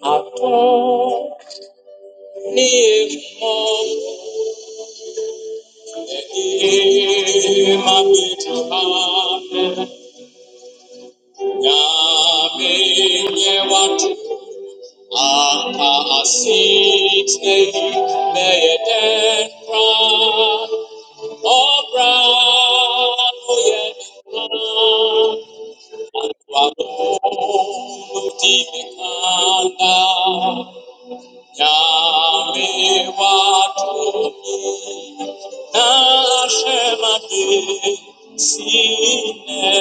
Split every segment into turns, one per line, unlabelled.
Thank you. Niambie watu nasemaje, sine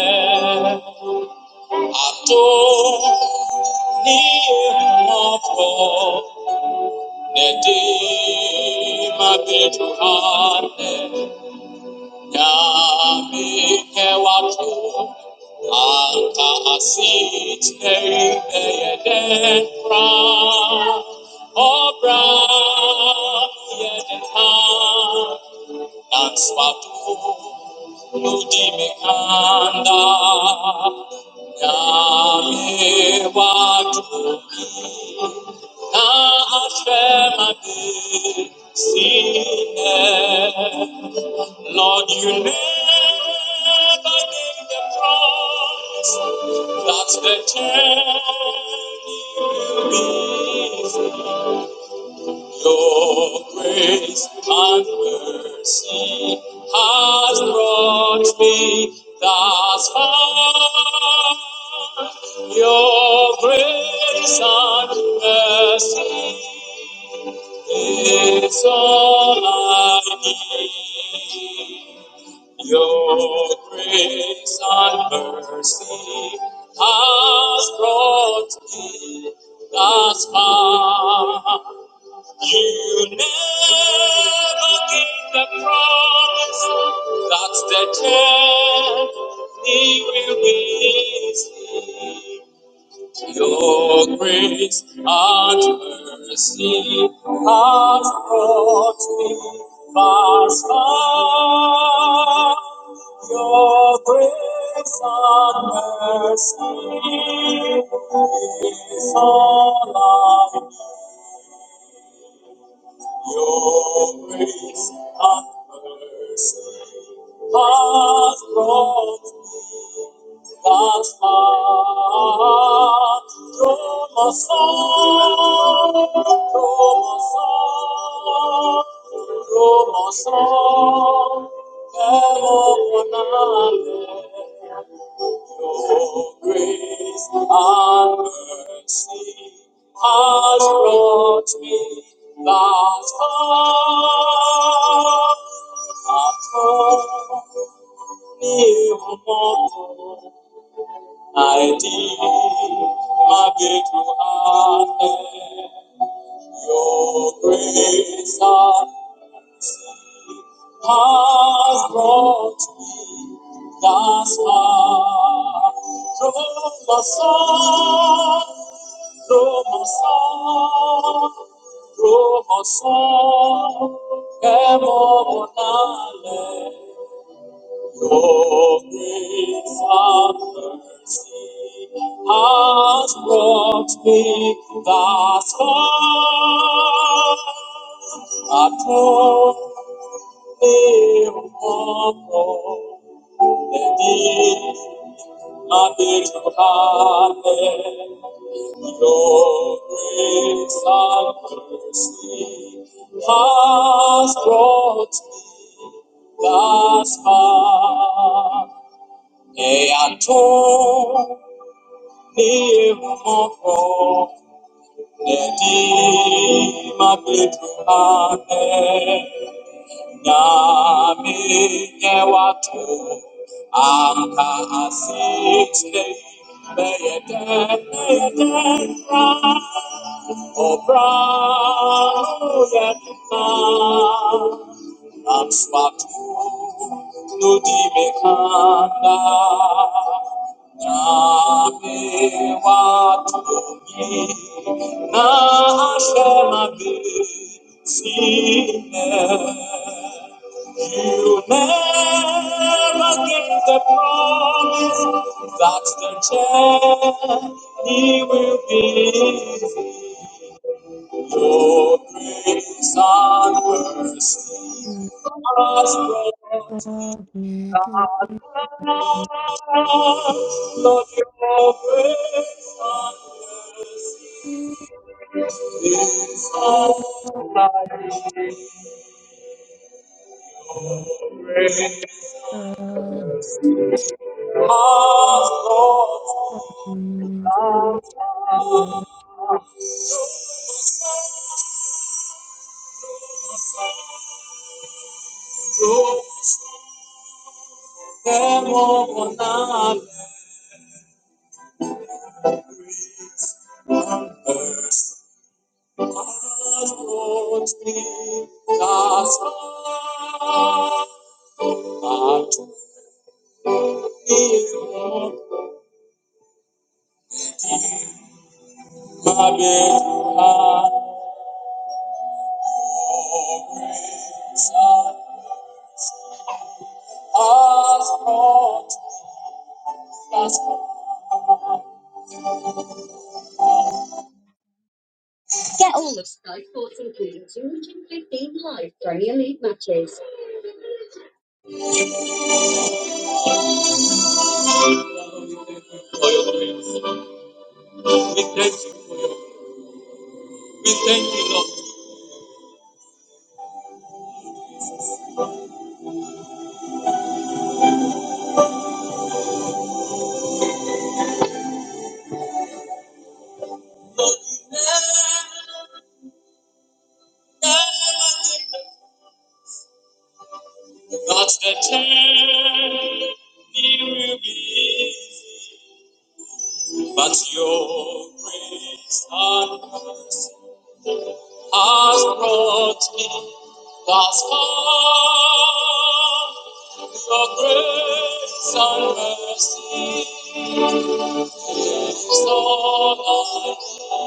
atoniye mwokozi, netima petu Nyamekewatu, anka asite yedefra, obra yedeha, nanswatu nudimekanda. Nyamewatu na ashemade sine. Lord, you never gave the promise that the journey will is. Your grace and mercy has brought me thus far. Your grace and mercy is all I need. Your grace and mercy has brought me thus far. You never gave the promise that the journey will be easy. Your grace and mercy has brought me thus far. Your grace and mercy is all I need. Your grace and mercy has brought Basma, Tromosan, your grace and mercy has brought me thus far. Atone, I deem my big Your grace and mercy has brought me thus far. Through my song, through my song, through my song, evermore your grace of mercy has brought me thus far. Atone for the deeds I did to hide. Your grace and mercy has brought me thus far. Et à tout, et mon corps, et dit ma petite Nyame wato anka asite beyete beyete obra yetina answatu nudi mekanda Nyame wato ni na ashema be. See now, you never give the promise that the journey will be your grace and mercy
Thank
has brought me that far. Lord, your grace and mercy is all I need.
you.
Get all of Sky Sports including Zoom and 15 live Premier League matches. for your grace. We thank you for your grace. We thank you, Lord. Lord, you never never give up. That's the time it will be. easy. But your grace and has brought me thus far. Your grace and mercy is all I need.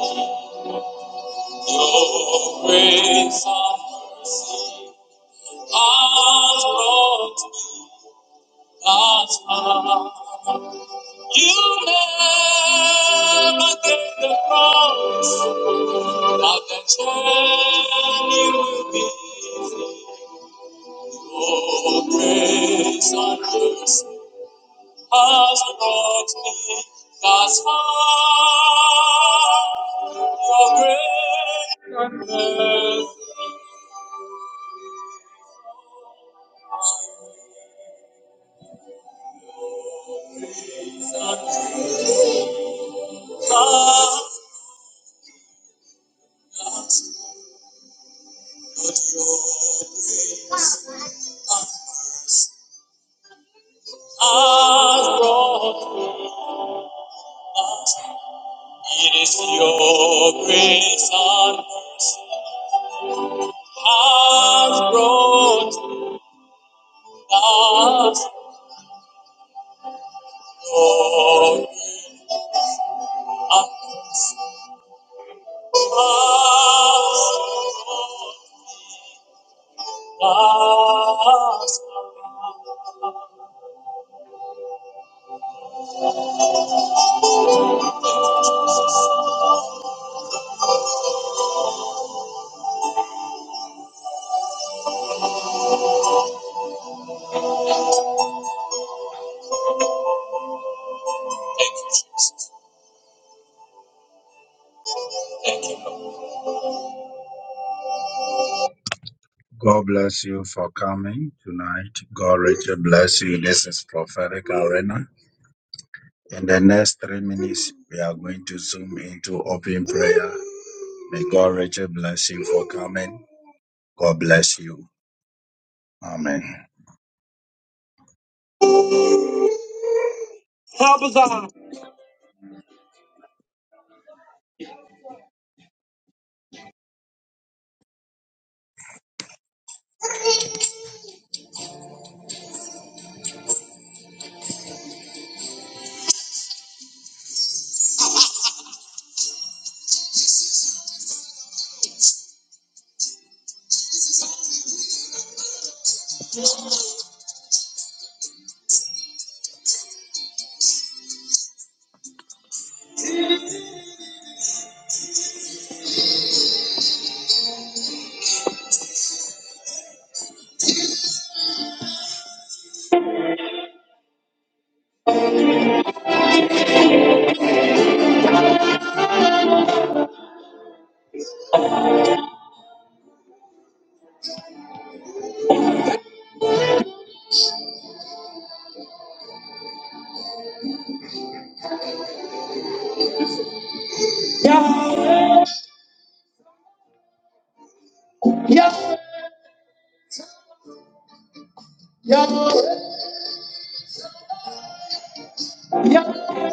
Always on God's road, God's path. You never get the promise of the chain you be. Oh, grace and mercy has brought me thus far. Your grace and mercy has has brought us. It is your grace and mercy has brought us. Lord, us Thank you, Jesus. Thank you, Lord. God bless you for coming tonight. God richly bless you. This is prophetic arena. In the next three minutes, we are going to zoom into open prayer. May God richly bless you for coming. God bless you. Amen. Yes, yes, yes.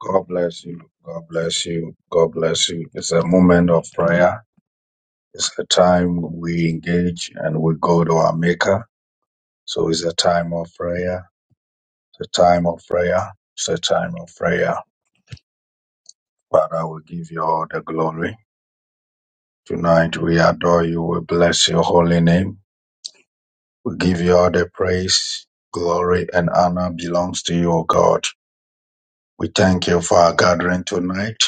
God bless you. God bless you. God bless you. It's a moment of prayer. It's a time we engage and we go to our Maker. So it's a time of prayer. It's a time of prayer. It's a time of prayer. Father, we give you all the glory. Tonight we adore you. We bless your holy name. We give you all the praise, glory, and honor belongs to you, O God. We thank you for our gathering tonight.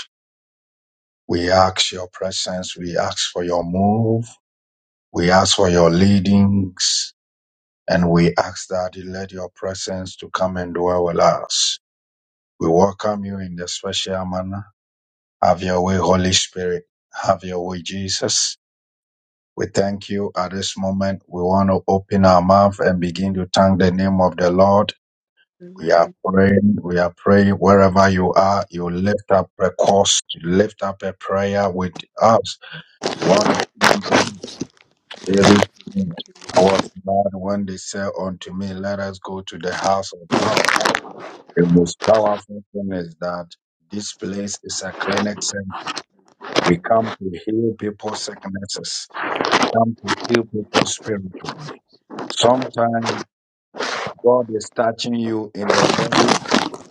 We ask your presence. We ask for your move. We ask for your leadings. And we ask that you let your presence to come and dwell with us. We welcome you in the special manner. Have your way, Holy Spirit. Have your way, Jesus. We thank you at this moment. We want to open our mouth and begin to thank the name of the Lord
with
We are
thy
praying. We are praying wherever you are. You lift up a cause. You lift up a prayer with us. We want to thank God, David, our God, when they say unto me, let us go to the house of God. The most powerful thing is that this place is a clinic center. We come to heal people's sicknesses. We come to heal people spiritually. Sometimes God is touching you in the very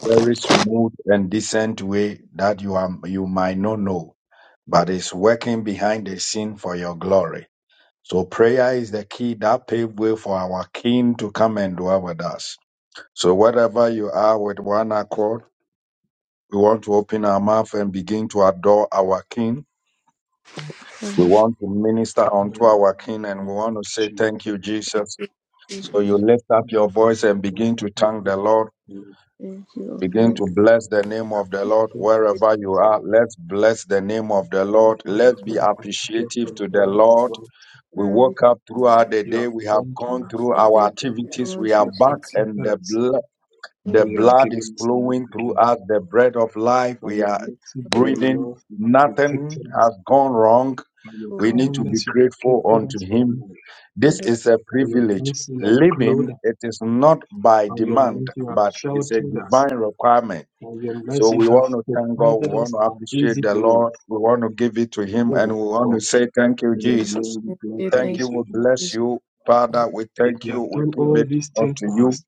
very smooth and decent way that you are you might not know, but it's working behind the scene for your glory. So prayer is the key that paved way for our King to come and dwell with us. So wherever you are with one accord, we want to open our mouth and begin to adore our King. We
covenant.
want to minister
You have
unto
burned
our King and we want to say thank you, Jesus.
We
So you lift up your voice and begin to thank the Lord
thank you, O
Begin to
Lord.
bless the name of the Lord
Faithful
wherever you are. Let's bless the name of the Lord.
up,
Let's
you
be
have protected
appreciative to the Lord. We
Father, we
woke up throughout the day. We have gone through
we
our
thank you,
activities.
Lord
We are
Jesus.
back and the,
us,
bl-
Thank
and
the
you
you,
have
our
blood
given
is
us life
flowing through
again.
us, the bread of life.
By
We
your
are
people,
mercy,
for
by
the wonderful,
your
breathing.
love, you have
Nothing
protected us.
has gone wrong.
By your
O
We need
Lord,
to be
kindness, you have
grateful
gifted us
unto
with
Him.
life.
for
This
the
is a
By your
privilege.
mercy, you have clothed
Living,
us.
it is not by
By your
demand,
mercy, you have
but it's a
sheltered us.
divine requirement.
By your
So
mercy,
we
you have
want to thank God. We
provided
want
us
to
our
appreciate
basic
the
needs.
Lord. We want to give it to Him and
Oh
we want to
God,
say, Thank you,
may your
peace.
Jesus.
name be
We say
glorified
Thank you.
this
thank you,
We
evening.
bless
Jesus.
you, Father. We
If
thank
you
you.
have
We
done
You know,
give
all
it
these things
unto
for
you.
us,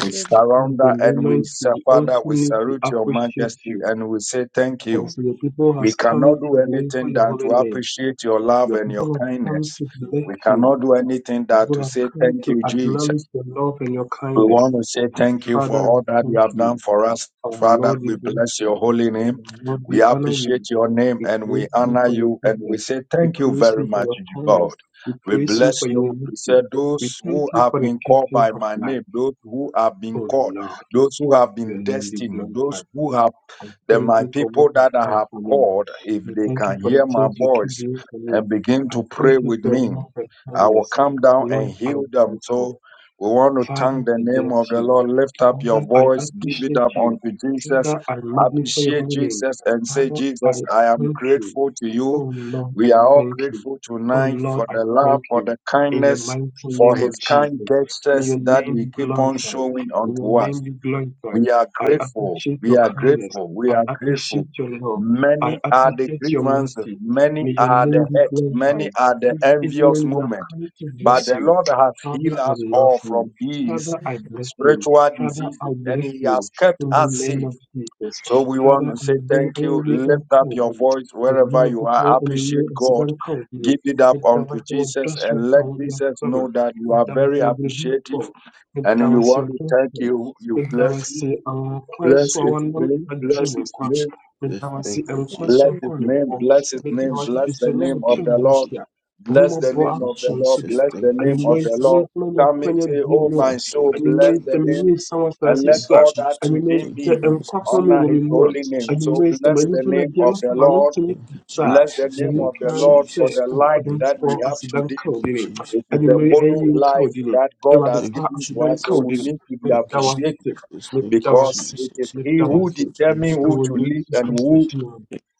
we give the
this is the
surrender and we,
moment
say,
we also
Father, we
need to
salute your
appreciate
majesty
you.
and we say, Thank you.
As your people
We
has come
cannot do
to glorify
anything
your
than
holy
to
name,
appreciate your love
your
and your
people have come
kindness.
to bless
We
you.
cannot do anything
Your
than
People
to
have
say,
come
Thank
to
you, Jesus.
acknowledge your love and your
We
kindness.
want to say thank you for
Father,
all
we
that you
thank
have
you.
done for us.
Our
Father,
Lord, we
we
bless
bless your
you.
holy name.
Our Lord,
We
we honor you.
appreciate your name
We
and we
praise you
honor
for your
you and we
goodness.
say
We
thank you
praise
very
you for
much,
your
God.
kindness. We
We
praise you
bless
for your
you. We
mercy.
say
We
those
thank
who
you
have
for the
been called
giftings
by
of
my
life.
name, those who have been
Oh
called,
Lord,
those who have
your
been
name be
destined, those
glorified.
who have
I
the
thank
my
you for what
people
you
that I
have done
have
for me.
called, if
I
they
thank you
can
for the
hear my
things you keep
voice
doing for me.
and begin
I
to
thank
pray
you
with
for your
me,
love and
I will
kindness.
come down and
Lord, I
heal
am
them. So
grateful.
we want to thank
Father,
the
I
name of
bless
the
you.
Lord. Lift up your
Father, I
voice, give it
appreciate
up
you.
unto Jesus.
Father, I magnify your
Appreciate
holy name.
Jesus and say,
Father,
Jesus,
I
I am
thank you.
grateful to you.
Oh Lord,
We
I
are all
thank you.
grateful
Oh
tonight
Lord,
for
I
the
thank
love, for
you.
the
In the
kindness,
mighty
for
name of
his
Father,
kind
Jesus, may
gestures
your
that
name
you
be
keep on
glorified.
showing
May your
unto us.
name be glorified.
We are
I
grateful.
appreciate
We
your
are
kindness.
grateful. We
I
are grateful.
appreciate your love. I
Many are the
appreciate your
grievances.
mercy.
Many
May your
are
name
the
be
hurt. Many
glorified.
are the
This
envious
evening we have
moment.
come to
But
bless
the
you.
Lord has
Father,
healed
I
us
love
all
you.
from these
Father, I bless you.
spiritual
Father, I
diseases and
bless
He
you
has kept
in the
us
name
safe.
of Jesus.
So we want
Father,
to
I
say
will
thank you.
only
Lift up
encourage
your
you.
voice
The
wherever
young
you are.
people in
Appreciate
me is
God.
very kind.
Give it up
With the
unto
wonderful
Jesus
trust from
and let
our young
Jesus
father,
know that you
with
are
the
very
wonderful
appreciative
people, with
and
the
we want
wonderful
to thank
people,
you. You
with the
bless
way
you.
she and
Bless
Christo are
his
not
name,
bad
Thank
bless his
you,
people.
name,
With
Jesus.
the way she
Thank you,
and
thank
Jesus.
bless
Christo
you.
his
are good
name,
people.
bless his
Thank
With
you,
the
name,
way she
bless
is
the
very
Jesus.
mature
name of
Thank
the
you,
and
Lord,
Jesus.
kind. How
bless the
much
Thank
name
you,
of the
more
Lord,
should we be?
Jesus.
bless
Thank
the
I
you,
name
mean,
of
when
the
it's
Jesus.
Lord.
not
Come and
many
Thank
years
say,
ago
you,
Oh
now
my soul, bless the
anyumereyisɛm
Jesus.
yie
name,
sa wɔ
and
asase
let
Thank
so
you,
a
all that
Jesus.
within
Thank
anyumereyisɛ
you,
me
nkwa
Jesus.
home
honor
wɔ me
his
mu a
Thank you,
holy name. So
Jesus.
anyumereyisɛm
bless the
Thank
anipa
you,
na
name
deɛ
of
na
Jesus.
sɛ
the
m'ano
Lord,
gye ne
Thank you,
kuta a
bless the
Jesus.
deɛ
name
Thank
of
you,
meka
the
ne
Lord
sɛ
for
Jesus.
the
o
life
Thank
that
you,
ɔdomfoɔ
we have
Jesus.
asedan
today.
ka wo
Thank you,
dene
Jesus.
It is a
anyumere
borrowed
ayie nka wo
life
dene
that God
awurade
has
Thank
pa
you,
given to
asedan
us,
ka
so
wo
we
dene
Jesus.
need to be
Thank you,
meda
Jesus. Thank you,
wo
Jesus.
appreciated
ase
Thank
meda
you,
wo
because
ase
Jesus.
it is He
meda wo
who
Thank
ase
you,
determines
Jesus.
who
ɛwɔ
to
Thank
live
yesu
and
you,
kristo
who.
Jesus.
din mu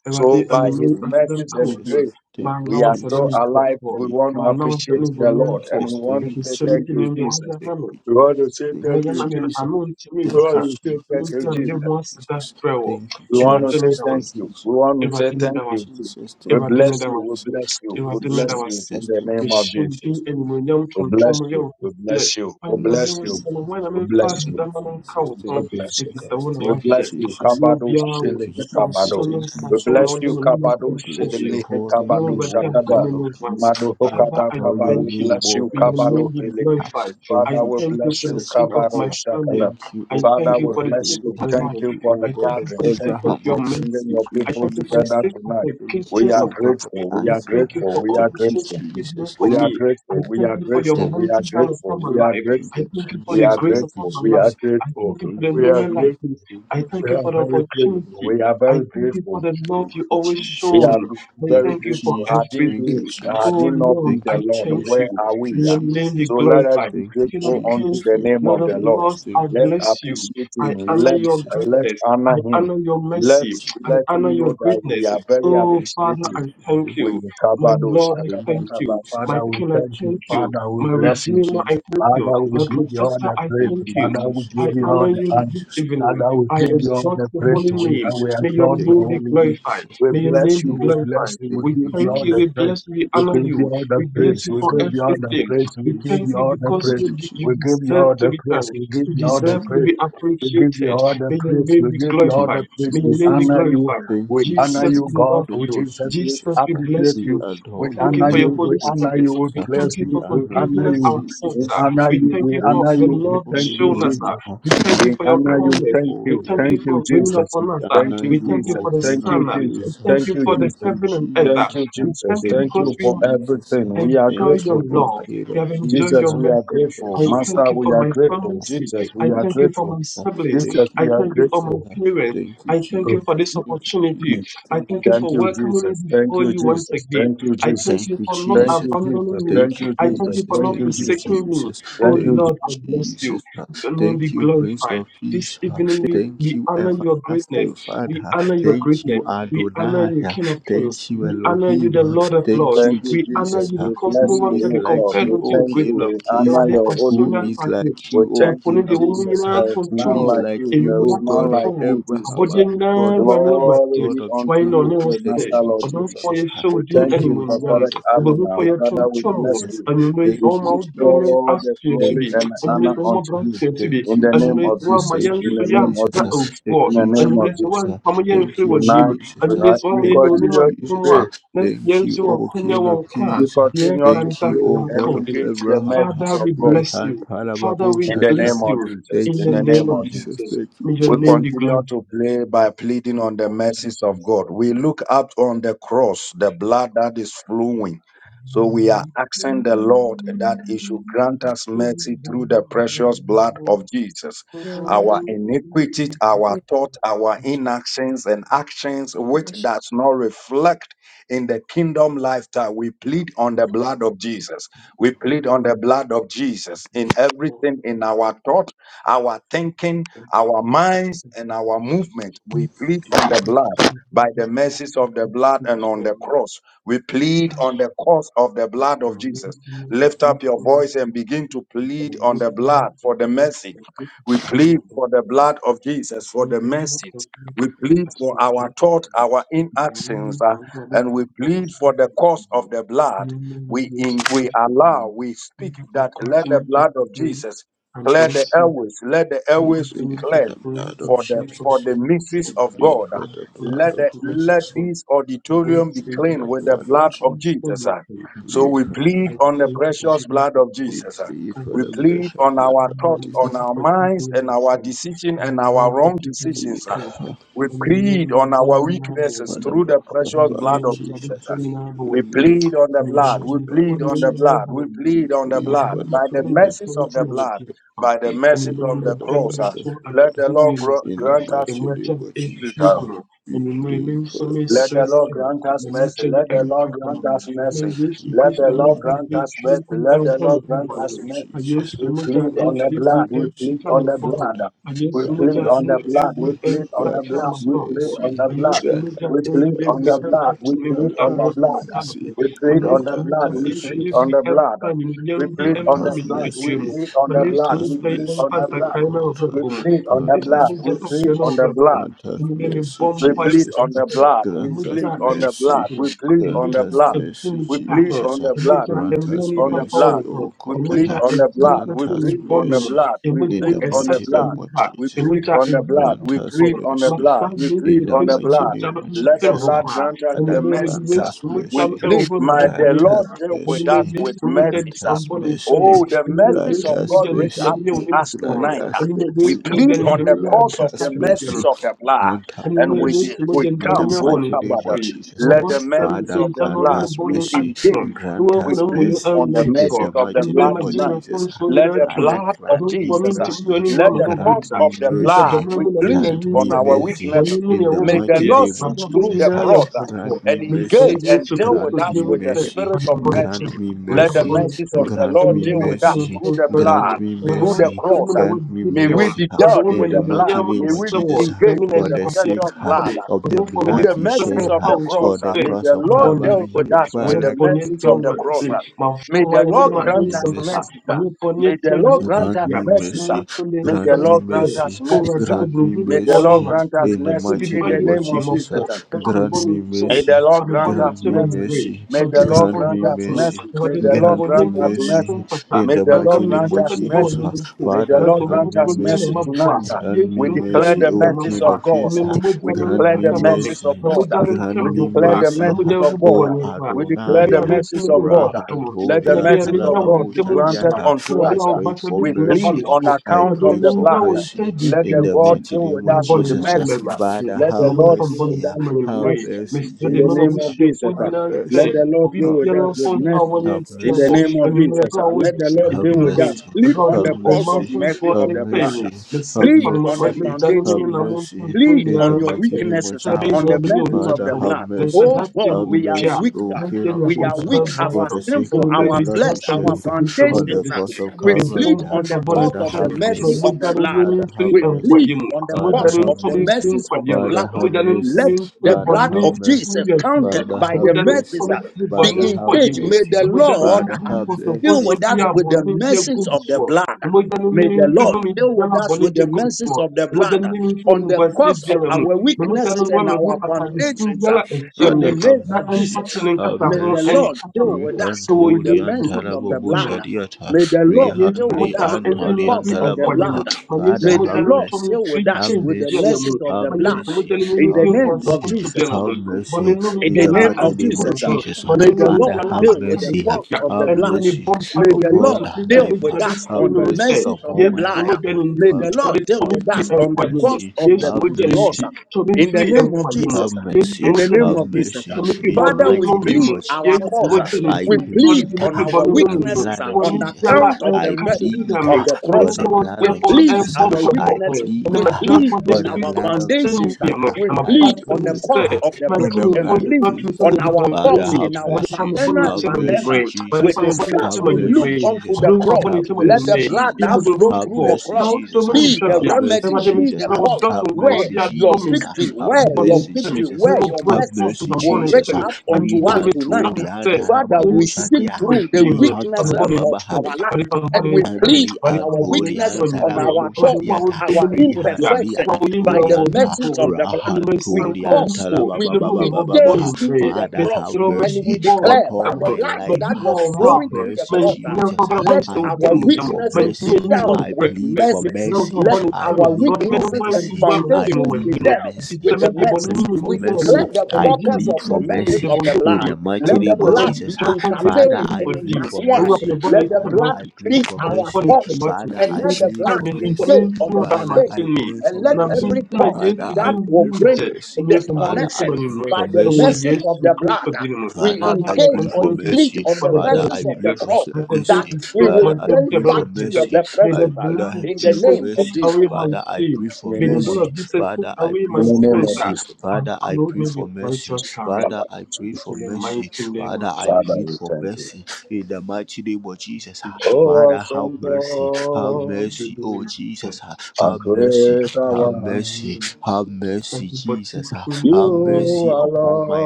awurade
So by
Jesus,
His
anyumere
thank you,
asedan
mercies
ka wo
and
Jesus,
dene
grace,
thank you,
maana
we are
wasa na
still
Jesus,
alive.
mehiafoɔ
We
thank
want to
maana wasa ne
appreciate
you,
the Lord
bɔneafoɔ
and we
Jesus,
want
thank
to
ɛfiri
you,
say
sɛ
Jesus,
thank
mede
you,
mendeɛ woayɛ
Jesus.
ama me ndia wa ja
thank
na no
We
you,
want to say thank
Wɔyɛ ma
you,
me no
Jesus,
Jesus.
ano ntumi
We
thank
nka
want
you,
to say
Jesus,
ano
thank
nti
you,
na
thank
mede
you,
ho
Jesus.
aseda
Jesus,
frɛ wo
thank you,
We want to
Awurade
say
meda
Jesus,
wo
thank
thank
ase
you,
you. We
Jesus,
want to say
Awurade
thank you,
meda
thank
wo was
you.
Jesus,
We
thank you,
Awurade
bless
meda wo
you.
ase
Jesus,
We bless you.
thank you, Jesus, thank
We
you,
Awurade
bless
meda wo
you
ase
in
Jesus,
the
thank you, Jesus, thank
name
you,
of
mehyɛ wo
Jesus.
din
Jesus.
animuonyam
We
tontom
bless
yɛ wo
you. We
kɛseɛ
bless you. We
Thank
animuonyam
bless you.
hyɛ no hwan na
We
memfa
bless you.
you,
aseda ma no nka
Jesus.
wo
And
ho
so
Thank you,
bless you,
ɛfiri sɛ
God.
Jesus.
wo na be
We
Thank you,
bless you,
Jesus.
ɛnyɛ
Kabado
obiara wo
Thank
Shele
you,
ɛfiri sɛ
Jesus.
ɔsoro
Kabado.
ne
Thank you,
We
nsase wo na
bless
wode
you,
Jesus.
wo nnwuma
I
Kabado
sɛm
bless
kɔɔeɛ
your
Shele
holy
Ɛno
Kabado
name,
Awurade
O
anka
Shakada.
me
King of
ne hwan
Kings.
Mado
I
Father,
Hokada
I
adore
Kaba.
your
thank
We
name,
you.
bless
O
you,
May
King
your
of
Kabalo
name be
Hele.
glorified.
Peace.
I
Thank
Father,
you,
we
thank you
bless
for the
you,
Jesus
sake of
Christ.
my
Kabado
family.
Shakada.
Thank you,
I
O
thank
Father,
King
you
we
of
for the
bless
sake
Kings.
of
you.
my
Thank
Thank
life.
you
you,
for
O
the
I
God
thank you
of
for
gathering.
the sake
Thank
of
you
Abraham.
your
for bringing
mercy.
your
Thank you,
I
people
thank you for the
Jesus.
together
sake of
tonight.
the
Thank you,
We
giftings
are
of
O God
life.
of
grateful. We
I
are
Isaac.
thank you
grateful.
for
We
all
are
the
Thank you,
things
grateful.
you did do
Jesus.
for
We are
me. I
grateful. We
thank
are
you for your
grateful.
Thank
We
you,
mighty
are
hand
Jesus.
grateful.
upon my
We are
life.
Thank
I
you,
grateful.
thank you for
We
the
Jesus.
are
grace
Thank you,
upon
grateful.
my
We are
life.
Jesus.
I
grateful.
thank you for
Thank you, Jesus. Thank
the
We
you,
are
moment like
Jesus.
grateful.
this.
Thank
I
you,
We
thank you
are
for
Jesus.
the
very grateful.
opportunity.
We are
I
very
thank you for
grateful.
the love
Thank
you
you,
always
We
Jesus.
are
shown.
b-
I
very
Thank you,
thank you for
grateful.
Jesus.
Had it
Thank you,
been,
everything.
had
Jesus.
Oh
it not
Lord,
been
Thank
the
I
you,
Lord,
thank
Jesus.
where
you.
are
Thank you,
In
we?
your
Ah,
name
Jesus.
be
So let us
glorified.
be
Thank you,
King of
grateful unto
Jesus.
kings,
the
Thank
name
Lord
of
of
the
you,
Lord.
lords,
Jesus.
I
let
bless you.
appreciate Him.
I
Thank you,
honor
Let
your
Jesus. Thank
let
greatness. I
honor Him.
honor your
Let
mercy.
you,
I
Jesus.
let
honor
Him
Thank
your
know
you,
that we
greatness.
are
Jesus.
very
Thank you, Jesus.
Oh,
Thank you,
Father,
appreciative.
I
Jesus.
thank
Thank
We
you.
you,
My
Kabadosh,
Lord, I
thank you,
thank you.
Takabakaba.
Jesus.
My
Father, we
Thank
King, I
you,
thank you.
thank
Jesus.
you.
Father, we
My
Thank
bless
you,
you.
Redeemer, I
Jesus.
thank you.
Thank
Father,
you,
we
My
give you all
Jesus.
Protector,
the
I
Thank
thank
praise.
you,
you.
Father, we
Jesus.
I
give you
Thank
all
honor
you,
the
you
honor.
this
Jesus.
evening.
Father, we
I
give you
Jesus.
all
exalt
the
your
praise.
Thank
holy
you,
We,
name.
and we
Jesus.
May your
exalt
Thank
your
name be
you,
holy name.
glorified.
Jesus.
We
May your
Thank
name
bless
be
you.
you,
We
Jesus.
bless
glorified.
you. We
Thank
We
you,
give you
thank
all
you.
the
We
Jesus. Thank
praise.
bless you. We
you,
We
honor
give
Jesus.
you
you.
all
We
the
Thank
bless
praise.
you
you,
We
for
give you all
Jesus.
the
everything.
praise. We
We
give
thank
you
you
all the
because
Thank
you,
praise.
you,
de-
Jesus.
you
We give you all
deserve to
the
be
praise.
thanked.
We give
You
you
Thank
all the
deserve
you,
to
praise.
Jesus.
be
We give you
appreciated.
all the
May your
praise.
name
We
be
give you all
Thank
the
glorified.
you,
praise.
May
We
your name be
Jesus.
honor you.
glorified.
Thank
We
you,
honor
Jesus,
you,
Jesus.
we
God.
love
Oh,
Thank you,
you.
Jesus, we
Jesus,
Jesus.
we
appreciate
bless
We
you.
you. We
We
adore
thank
your
you
honor
for your
you.
name,
We
Holy
O
honor
Spirit.
you.
Jesus.
We
We
bless
thank you
We
you.
for
We
honor
forgiving
honor
you,
us our
you.
sins.
We
Sir.
Jesus.
honor
We
We
you.
thank
We
you for
honor
praise
the
your
you. We
love you
thank
holy
you,
shown us. Sir.
name.
Jesus.
We thank
We
you
We
for your
honor
adore
you.
your
kindness.
Thank
holy
We
you.
thank you
Thank
name.
you,
for raining
Jesus.
We
upon us. Sir.
Thank
honor
you,
We
you,
thank you
Jesus.
O
for the
King
Thank
of
you,
sun. Sir.
Jesus.
We
Kings.
thank
Thank
you
you,
for the
Thank
Jesus.
you,
heaven and earth. Sir.
Thank
Jesus.
you,
We
Jesus.
thank you
Thank
Thank
because
you
you,
we are
for
Jesus.
everything. We are
enjoy
Thank
your
grateful,
you, O
love.
Jesus.
King
You
of
have enjoyed
Kings.
your
Jesus, we are
mercy.
grateful.
Thank
I
you,
thank
Master,
you
O
we
for
are
my
Lord.
grateful.
family's sake.
Jesus,
Thank
we
I
are
you,
thank you for
grateful.
my
Jesus.
siblings.
Jesus,
Thank you,
we
I
are
thank you for
Jesus.
my
grateful.
parents.
Thank you,
I thank
Jesus.
you for this
Mm.
Thank you, Jesus.
opportunity. I
Thank you,
thank you
Thank
for
Jesus.
you,
welcoming me
Jesus. Thank
before
you,
you once
Jesus.
again.
Thank you,
I thank
Jesus.
Thank
you
you,
for not
Thank
Jesus.
you,
abandoning
Jesus.
me.
Thank
Thank you,
you,
I thank you
Jesus.
for
Jesus.
Thank
not
you,
Thank you,
Jesus.
forsaking me.
Jesus.
Oh
Thank
Thank
you,
Lord,
you,
I bless you.
Jesus.
Your name be
Thank you, Prince
glorified.
of
This
Peace.
evening we,
Thank
we
you,
honor your greatness.
Everlasting
We
Father.
honor your
Thank you,
greatness. We honor
Adonai.
you, King of Kings.
Thank you,
We honor you, the
Elohim.
Jesus.
Lord of Lords.
Thank
Thank
you,
you,
We honor
Jesus.
Jesus.
you
We
because no
bless
Who
you,
one can
is
be
oh
like
God.
compared
you,
We
unto
O
your
thank you.
King
greatness.
We
of Kings?
honor
Awurade,
your
The
holy
Who
ɔsoro
name.
is
asante,
like
We
you, O
thank
ɛpo no
King
you,
deɛ ɛwɔ
of
mu
Kings?
Jesus.
nyinaa
There is
Who
tontom
none
wo,
is
like
like
you.
you,
There
O
nnua
is
God
none
kamfo
of
like
wo,
you,
Abraham?
Jesus.
abɔdeɛ
God
nyinaa wura
of
no
Isaac,
Glory
Awurade.
God
be
of
unto
Wan
Jacob.
na ɔne
you,
wo
O
sɛ,
Thank
Master
you,
Lord
ɔdomfoɔ
Jesus.
Jesus.
yɛhyɛ wo
We
din
thank
Thank
you
you,
for
animuonyam,
Father
Jesus. Ah,
ɔbɛbifo
Avena.
Thank you,
Father, we
yɛtontom wo.
bless
Father,
Jesus.
you.
Ah,
Anwummerɛ yi sɛ
We
Thank
woma
you,
give
wo dɔ no
Jesus.
all
aso
the
yɛn so
glory
bi,
Thank you,
and
anwummerɛ yi
honor
sɛ
Jesus.
woma brɛ
unto
Ah,
you.
aso yɛn so bi,
Thank
In
you,
the name
anwummerɛ yi sɛ
of
Jesus.
woama
Jesus.
yɛn
Thank
In
you,
so
the name of
Jesus.
yɛamfra
Ah,
Jesus.
awufoɔ,
In
Thank
the
you,
name
anwummerɛ
of
yi sɛ
Jesus.
Jesus.
Ah,
woampamo yɛn
Thank
mfiri
you,
w'anim,
Tonight,
Jesus. Ah,
anwummerɛ yi
tonight
sɛ
we
woama yɛnya
Thank you,
w'anim
continue to
adom
Jesus.
a
pray.
Ah,
let yɛn
Thank you,
nso
O
wɔakɔnya
King
wɔn
of
nkwa a
We
Kings. Ah,
yɛn
continue to
Thank
nanta
you,
pray
O
dɔm ka
and
God
wo
of
din.
engage the
Abraham. Ah,
Father,
message
we
of God.
bless you.
Rihan
Father,
Palababo
we
In the
bless
name
Shadiata.
you
of Jesus.
in
Thank
In
the
the
you,
name
name
of
of
Jesus.
Jesus.
Jesus.
Thank you,
May your
We
name be
Jesus.
continue to
glorified.
pray by pleading on the
We
mercies of God. We look up on the cross, the blood that is flowing. So we are asking the Lord that He should grant us mercy through the precious blood of Jesus.
you, O Lord
Our
Jesus.
iniquities, our
We
thoughts, our inactions, and actions which
worship
does not reflect in the kingdom lifestyle, we plead on the blood of Jesus. We plead on the blood of Jesus in everything in our thought, our thinking, our minds, and our movement. We plead on the blood. By the mercies of the blood and on the cross, we
Thank you,
plead
Jesus.
on the cause of the blood of Jesus.
Magnesium is
Lift up your
useful
voice and begin to
as a
plead on the
monomer
blood
in
for the
both
mercy.
acidic
We plead for the
polyethylene
blood of Jesus for
and
the mercies.
monoethylene
We
to
plead for
acetate
our thought,
ions.
our inactions,
Marine
uh,
anabolic
and we plead for
composition
the
is
cause of
beyond
the blood.
human
We
use
in, we allow,
crystalline.
we speak
I
that let the
continue to
blood of
pray
Jesus
and
clear
bless
the
you.
airways. Let the
I
We
airways be
pray
continue to
for the
cleared
pray
blood
and
of
for the
pray for the
for
Jesus.
the
healing of
We
mysteries
souls.
of
pray
God.
for the
According
blood
Let
to
of
the,
Thomas
let
Jesus.
Stone,
this auditorium be
plead
Whitehead
for
is
the
clean
a
with the
blood of
blood
Jesus.
of
conflicting
Jesus.
solution
ah.
We
to
So
plead
flow.
we
for the
plead
I
blood
on the
of
pray for
Jesus.
precious
forgiveness
blood
of
of
We
God.
Jesus. ah.
plead
Oh
for
We
the
Lord,
plead
precious
on
blood
I
our
of
am
thought, on
Jesus.
almighty
our
forgive
minds,
me
and
my
our
sins.
decision
I
and
will
our
now
wrong
forgive me my
Plead
decisions. ah.
sins.
for
We
المؤمن
plead on our
بالظلم هب
weaknesses
the
through
والدين
the
precious
precious
blood
blood
المؤمن
of
of Jesus.
Jesus.
بالظلم
We
We
والدين
plead
plead
for
on
the
the
المؤمن
blood.
precious
We
blood
plead
of
on the
Jesus.
بالظلم
blood. We
والدين
We
plead on the
plead for
blood.
Evangeline
the
By the
children
precious
mercies
blood of
of the
strengthen and
Jesus.
blood,
purify,
by the
We
and
mercies
plead
of
for
the
women
the
cross, uh,
precious
generation are
let
blood
the Lord gr-
in
seriously,
the
grant
a
us
mighty name
mutual
of
a
Jesus.
mercy.
huguenot,
We
and
plead
women
for
so
the
may
Let the
precious
Lord
blood
sustain,
of
grant us
the
Jesus.
mercy.
mutual
Let the
We
the
plead.
Lord grant
pathamony.
us
May
mercy.
Yesu
We
Let
Christo
the Lord
mutu na
grant
plead.
us
echi
mercy.
kun
The
Let
and
the
follow
Lord
precious
grant
people,
blood
us
of
mercy.
and yes
Jesus,
to
uh,
We
mutual
plead
a
on
grant
the
us
blood.
huguenot
We
and
mercy,
plead on
O
the
pathamony.
blood.
God.
We
Grant
plead
Aliyesimika
us
on the blood.
elfu
mercy,
We
elfu
plead on the
grant
blood.
us
We
matongo
plead on the
mercy,
blood.
grant
aliyesimika
us
We
elfu
plead on the
mercy,
blood.
elfu
We plead
grant
tumekuta
on the
bora
us
blood.
mercy,
kitabani
We plead on
grant
the
us
blood.
aliyesimika
We
elfu
mercy.
plead on the
elfu
blood.
ni
We
milioni
plead
Grant
on
elfu
the
us
blood. We
mercy,
milipejemu
plead on the
grant
blood.
us
We
aliyesimika
plead
elfu
mercy,
on the
O
blood.
zakaina
God.
We
wabrabomu
plead on the
Grant us
blood.
aliyesimika
We
elfu
plead
mercy,
kaina
on the blood.
wabrabomu
grant us
imileni
mercy,
We plead
bombais
Jesus.
on the
transfer
blood. We
Grant us
plead
emoja
on the
elfu
mercy,
blood. We
kilo
plead on
grant
the
us
emoja
blood.
mercy,
elfu
We plead
paho
Jesus.
on the blood.
emoja
We
Grant
plead
us
elfu
on the
mercy,
paho
blood.
O
We plead
God.
emoja
on the blood.
elfu
We
Grant
paho
us
ni
plead on the
bonimu
mercy.
blood. We
Emoja
In the
plead on the
mighty
exceptional
name
blood.
of
impact.
We
Jesus,
plead
Emoja
on the
edwuma
blood.
grant
We
us
plead
foforɔ.
on the
mercy.
Masa
blood. We
Yesu
plead
In the
on the
Kristo
mighty
blood.
mogya
name
no
of
Let
ntim
the
hɔ
Jesus,
blood
koraa.
grant us the
Father,
Anwummerɛ mede
mercy,
grant
sir.
Yesu
us
mogya
We
no
mercy.
plead,
ɛhohoro me ho
my the
bɔne
Grant
Lord
us
nyinaa.
deal with
Anwummerɛ
mercy
us with
Yesu mogya
mercy,
Grant
gye
sir.
kwan
us
bɔne nkyɛ me.
mercy.
Oh, the
Anwummerɛ
mercies
Grant
of
Yesu
us
God
mogya no
reach
nti ma
out
mercy.
menyɛ wo
to
ne
us
Grant
mmɔborɔhunu.
tonight. ah.
us
Anwummerɛ
We
Yesu
mercy.
mogya
plead
no nti
on
ma
the
menya wo
Grant
cause
nkwa
of
nsa
the
us
kɛseɛ no.
mercy
mercies of the blood
grant us
And you know,
and we
you
mercy
did,
used to look
we
in
into
the
come, oh
Minneapolis
mighty
for
name
Kabada,
of
free. You
Jesus.
have
let the
watched
mercies
Father,
of
something,
the
grant
somebody in the
blood
us
we
morning
mercy.
acting on.
engage,
You were
Grant
we
open
us
and you
plead
are
mercy
on the
going to
in
mercies
the
solve.
of the
And
mighty
when
blood
name
my
of
tonight.
general
Jesus.
phone so in
Let the
Father,
action,
blood
I
of
grant
don't for
me
me
Jesus, ah,
to be
mercy.
any
let
woman
the
who brings
Grant
cost
that.
me
of the
If it's a
blood
mercy.
dominant
we
woman
plead
In
Grant
means
me
on our
family,
mercy
but you
weaknesses.
know,
in
you
the
are
May the
to
mighty
you,
Lord
name
my
of
seek
brother,
through
you
Jesus.
the
know, I am
cross ah,
for four.
Grant me
and
Miss
engage
mercy.
Frederick,
and
so
deal
good
with
to
Grant
us
deal
me
with
with the
that.
mercy.
spirit
And
of
I'm going to tell
mercy.
Grant
you.
me
I
Let the
am going
mercy.
to
mercies
tell
of
you.
the
Grant
Lord
And
me
then
deal
my
with us
general
mercy.
through
phone
the
for
Grant
blood,
tomorrow.
me
What
through the
was
mercy.
the
cross.
moon
ah,
I
Grant
would
me
give
May
you?
we
mercy
be dealt
in
Abadowomen
with
ni
the
the blood.
mighty
nyinam
name
May
of
we
nsɛ wɔ
be
Jesus
Nyame
engaged
na
with
for
the
the
animguaseɛ
sake
precious
uh,
mpata me.
blood.
of the
Ɔdomfoɔ
Through
mede
blood
the
you
kɔsɛsɛm
mercies
shed
of
ɛrepa
uh,
wo
the
nkyɛn
on
cross, uh,
the
sɛ
may
cross
the
of
Lord
abɔne
deal
Calvary.
nhyɛ
with
me.
us
Manyɛ
with the
Father,
bɔne
grant
mercies
atia
of
me
the
Awurade.
cross.
mercy.
uh.
Mamfa
May the
mayɛ ne
Lord
ma
Grant
grant
me
nsɛ
us
mercy.
mpata.
mercy. uh.
Manyɛ bɔne
May
atia
the
me
Lord
nipa
grant
Grant
us
bia.
me
mercy.
Na
uh.
mercy,
nso
May
mensrɛ
the
grant me
Lord
sɛ
grant us
mercy,
mercy.
Awurade
uh.
grant me
May
mmɔborɔhunufoɔ
the
ne
Lord
mercy.
grant
Awurade.
us
In the
mercy
Obi
mighty
in
ba
the
name
Yesu
of
name
de
of
Jesus,
mmɔbɔ.
uh,
Jesus. uh.
Ɛfa me
grant
bɔne
me
nkyɛ me.
May the
mercy,
Fa
Lord
me
grant
bɔne
us
grant
nkyɛ me
me
mercy.
anwummere.
mercy,
May
Magye
the
me
Lord
grant
mfomso
grant
me
us
ato mu.
mercy.
mercy,
May
Awurade
the
meyɛ
Lord
grant me
grant
nnebɔneyɛni na
us
mensɛ
mercy.
mercy.
mpata.
In
May
the
the
Anka
Lord
mighty name
grant
menhia
of
sɛ
us
meba
Jesus,
mercy.
w'anim
uh,
mpo
May the
Father,
nanso
Lord
grant
grant
me
ɔhummɔborɔ
us
nti na
mercy
mercy,
maba
tonight. uh.
grant
yesu
me
We
mogya no
declare
mercy,
the
nti na
O
mercies
King
maba
of
of
God.
ɔme
Kings,
uh.
ma
uh,
mogya
We
no
grant
declare
me
the
nkasa ma me
mercies of
mercy.
ma
God.
mogya
uh.
no
Grant
nkyɛ me
We
ho
me
declare
kora
the
ma
mercy,
mogya
uh,
mercies
no
of
ho
God.
O
uh.
bɔne kora
We
sɛnea
declare
Adonai,
ɛbɛyɛ
the
a me nso
mercies
me ne wo
of
ne
God. uh.
madom
Let
Rahantori
the
sɛnea
and
ɛbɛyɛ a
mercies
menya
of
wo
Talababu
God be
nsɛm
granted
nhyira
Shadiata,
unto
sɛnea
I
ɛbɛyɛ a
us.
wo
uh.
prayed
basa
for
We
bɛtumi aba
plead
me
mercy.
so
on
I
sɛnea
account
ɛbɛyɛ a
of
prayed
the
for
menya
blood.
wo
uh.
nkyɛn
mercy
de
Let
bi
in
the
the
nti
God
mighty
deal
name
with
of
me
us with
bɔne
Jesus.
nkyɛ
ah.
me
mercy. uh.
awurade
Father,
Let
na
the
have
wobɛde
Lord
fa me
deal
bɔne
with
mercy. ah.
nkyɛ
us
me
with
Have
anwummere
mercy.
mercy,
mesrɛ
In
de
the
ma
name
Jesus. ah.
of
m'abusuafoɔ
Jesus, ah,
Have
nyinaa
let
sɛ
mercy.
the Lord
obi
deal
Have
with us
biara mfa
with
mercy.
nsɔ a
mercy.
wɔyɛ
Have
atia
In the
wɔ
mercy.
name of
anwummerɛ
Jesus,
berɛ a
ah, let the
wɔgye
Lord
Have
deal
ebinom
with
yi
us.
mercy,
Plead on
have
Ibrahim
the cause of
mercy,
ɔmanfo mpo
mercy
have
of the
ɛtɔe wo.
blood.
mercy,
Mesrɛ
have
fa
Plead
me ma-
on
ma-
the
mercy,
m'agya ne me ne
have
foundation. ah.
n'amanfo
mercy.
mpo
Plead
In
nyinaa
the
on your
mighty
fatɔe.
name of
weaknesses,
Sɛ
ah,
ɛbɛyɛ
Jesus,
on
ah.
the
nyinaa bɛyɛ wo ne
mercies of
Father,
the
m'adom.
have
blood.
Na sɛ
mercy,
Oh
daakye
God,
bi
have
we are
wopue a,
mercy,
weak.
O
ah.
na mfa
King of
anya
We are
Kings,
akɔntaba
ah.
weak,
abu
for
our
akyɛ
the
wo.
sake
sinful,
of
Anwummere
the
yi,
our
blood
meda
flesh,
you
ase wɔ
our
shed
Yesu
ah,
Kristo mu
on
da
the
foundations.
bi
ah.
hyɛ.
cross of
We
Mempɔ
plead
Calvary. ah.
mpɛ
on
sɛ
the
ɔbɔne
cause
Father,
of
kyɛ
the
have
me, na
mercy
mercy,
of
mogya
the
no nyɛ
blood.
me
Father,
mfiri
have
We
mercy.
nkwagye
plead
mu.
on the
Father,
Mogya
cause
no
have
of
ntɔ
the
me mfiri
mercy.
mercies of
nkwagye
the
mu.
Father,
blood.
have
Mogya no ntɔ me
Let
mercy.
mfiri
the
Father,
blood
bɔne
have
of
mercy.
Jesus,
nsuyase mu.
counted
Father,
by
have
the
Mogya no
mercy,
ntɔ me
sir,
mercy.
mfiri
be
bɔne
Father, have
nkwagye
engaged.
mu.
May the
mercy.
Umujyana
Lord
Father,
uh,
have
n'inzibutso
deal
mercy.
Amen.
koso
with us
byabo
with the
n'ibyego
mercies of the
misoro.
blood.
Umujyana
May the
n'imfuno
Lord deal with
byabo
us with the
n'ibyego
mercies
misoro.
of the blood
Umujyana
uh, on the
n'imfungwa
cause of
zibyelemu.
our
Umujyana
weaknesses and
n'umuntu
our foundations
akagishinjala
uh, in
esemye.
the
Father, have
name
Na
of
mercy,
Jesus.
empathy
uh.
have
nkata
May
ho
the
mercy.
Lord
enkata ho.
deal with
Rehan
us
Uwo
with the
Tuli
Yesu
and
mercies of
Kristo
the
Talababu
blood.
timu
uh.
Shadiata,
May the
ma
Lord
Yesu
deal
Rehan
with
Li
us
mudane
and
with the
engine
Tali and
cause
mfiri
of the
nkwaye
blood.
Talababaha.
mu
uh.
ma Yesu
Father,
May the
have
mudane
Lord
ntomu
mercy,
deal with
mfiri
have
us
kyen
with the
biara
mercy,
mu
mercies of
have
the
ma
blood.
Yesu
uh.
mercy,
mudane nyini
In the
have
mfiri
name of
mercy,
nkwansɔnkonto
Jesus.
biara
have
mu bɔne
mercy.
nnome
In
In
the
the
biara
name
a
mighty
of
name
agu
of
me
Jesus.
ho
uh,
the
Jesus,
bɔne
May
mighty
the
nnome
name.
Father,
Lord
biara a
have
deal
aka
with
me
the
mercy,
cost
yitagya
of
have
the
ɛnnɛ
blood.
mebɔ
mercy
mpae
May
wɔ
the
Yesu
upon
Lord
thy
Kristo ne
deal
life,
with
Awurade
us
fie
have
on
no
the
ho sɛ
mercy
mercies of
upon
the
Yesu
my
blood.
life.
mudane
May
nti
Have
the
Awurade
Lord
tɔ
deal
me
with
firi
us
have
on
nkwaeɛ
the
mu
cost
mercy,
of
Yesu
the
have
mudane
mercy.
cross.
nti
uh,
tɔ me
In the
firi
name of
nkwaeɛ mu
Have
Jesus. uh,
Yesu
mercy,
In the
mudane
name
have
of
nti
Jesus.
tɔ
mercy.
uh.
me firi
In the
bɔne
Father, we
mighty
nnome
name
mu
plead
of
our
Yesu
Jesus,
cause.
ah,
uh,
mudane
I
nti
We
Awurade
plead
plead
tɔ me
on
ah,
firi
our
bɔne
for the
weaknesses
blood
uh,
of
on
Jesus. ah,
Bonitela
account of the
I
mercy
plead
Ekasetiami,
of
ah,
the
for
cross. uh.
Bonidi
the
was
blood
We
of
therefore
plead
a
Jesus. ah,
bomb
our
I
Kodiboko,
weaknesses.
and the
We
plead ah,
majority
plead
of this
for
on
the
refused
our
to
blood of
foundations. uh,
Jesus.
Astemian,
ah,
we
and a
I
plead
person
on
will
the
plead
say,
cause
ah,
of the
My
for
blood
the
Jimmy
and
blood
first
of
plead
not
Jesus. ah.
recently
on
the
our
Father,
cause
Bonini,
have
in
and
our
when you come
mercy,
the
paternal and
have
Bonitela in
mercy,
May,
maternal.
when you
We
Jesus.
come the
ah,
discuss,
Have
we
Bonitela in
look
mercy,
May,
onto
Jesus.
I
ah,
the
don't for
cross.
Have
Bonitela in
Let
mercy,
the
May,
blood
Jesus.
you
ah,
that
will look
flow
Have
through
for
the
mercy,
cross
now to
Jesus. ah,
many in
be the
Have
Trapia, and
mercy,
remedy,
what them
be
is
Jesus.
the
ah,
our
cause
dust
Have
will call
where
mercy,
their
your
Jesus. ah.
dominic,
victory,
Have
where
the
your
mercy,
Bonitela,
victory,
Jesus.
we
where
will
your
Have
break off
mercies
with
mercy,
a
will reach
Jesus.
Bonitela,
up
and you
unto
will
us
make
tonight.
them
Rehantuli and
say,
Father,
They
we
should
seek
Alababushania.
for
through the
Jimmy.
weaknesses
Panowanie
of
Rehantalababa
our
czynić,
life
ale
and
panowanie
we
and
znamieć,
plead
Andli
ale
on our
panowanie
weaknesses,
Antolianta
czynić
on
mojej.
our
Ale
thought,
mało
Rababosadiata
our
dumny świetla,
Rihandli
imperfection
mało jedna
by the
Antolianta
message
odniku,
of the blood.
ani mej
We
sanko
cross,
Rahantolianta
odniku,
we
lewo mi
it
hobboniu
Rabababababa
gaze into
mej,
the
Father
bez
have
cross,
strome
and we
mercy
dipo
declare by
upon
the
łatsamdo,
my
blood
bez
life
that
dipo
was
have
flowing
omrako,
through the
mercy
mej
cross. ah,
tnia
Jesus
pobra
let
waństa
I
our
udziermu
plead
jam,
for
mej
weaknesses
tnia
be
mercy
ni wun
dealt
I
kwe,
with
plead for
bez
mercies.
grau
mercy
Let
zambany
I
our
czynić,
plead
ale mej
for
weaknesses
waństa
and
mercy
ubar
I
hubimu
foundations
plead
be
wajnimu,
for
dealt
mercy
with
jitame
the
I
diebolini
mercies.
plead for
We
ninsaniu,
declare
mercy
the
I
ani dzień
portals
plead
of
for
the
zaczynu sami
message
mercy
of the
in
diebolini,
blood.
the
ani
mighty
Let the
name
tu
of
amaj
blood
Jesus
be
jump on Bonnie Challenge, or the men of one who were moving away, you know, it's a major bonini for you, and the gym is looking for the bonini. And into a major for you to
Father
cook
intervened
I
for
and
Jim.
plead for
Olúwa
intertwined.
kan
mercy
ẹ̀gbọ́n mi
Let the
tẹ̀
Father,
wá
blood
I
sí
plead
plead
for
our
ẹ̀gbọ́n mi
mercy.
tẹ̀ wá
cause
sí
Father,
and
I
let the
ẹ̀ka
plead
blood
for
ìmẹ̀
mercy.
sẹ́mi
engage
nínú
on the
ọ̀dà
Father,
foundation
I
màtínì
plead
and
for
let
na
mercy.
every
míntína
cause
Jésù
Father,
dé
God
I
will
plead for
bring
wúùjẹ̀
mercy.
ẹ̀mí ẹ̀gbọ́n mi
Father,
tẹ̀
I
wá
disconnection
nínú
plead
ẹ̀
for
by the
ẹ̀wọ̀
mercy.
message
Jésù
of the blood,
Kristo dì nínú.
we
Father,
Father,
I
I
engage
plead for
continue
on
to
plead
mercy.
speak
on
for
the
the blood
Father,
of
I
message of the
plead
Jesus.
for
cross
I continue
that
to
mercy.
we
soak
will
Father,
my
I
home to
bring
the
plead
blood
back
for
of
to your
Jesus.
mercy.
the
May the
I
presence uh,
blood
Father, I
of
in
plead
the
for
Jesus
name of
take
mercy.
Jesus.
away my
Father, I
shame.
plead
In
for
the
May the
name of
blood of
mercy.
Jesus.
Jesus take
Father, I
away
plead
my
In the
for
name
sins
of
ah,
mercy.
Jesus.
and
Father, I
clothe me
plead for
with
mercy.
righteous garments.
Father, I plead
In
for
the
mercy.
mighty name
Father,
of
I
Father,
Jesus.
plead
we
for
thank you.
mercy. In the mighty name of Jesus, ah,
Oh,
Father, have
awesome
mercy.
Thank
Have
you for
God,
mercy, oh
contributing access.
Jesus. ah,
a
Have mercy.
Thank you for
greater
Have
giving me
one.
mercy,
access.
have mercy,
Thank you for
Jesus. ah.
taking
You
Have
away
mercy
my thank
upon my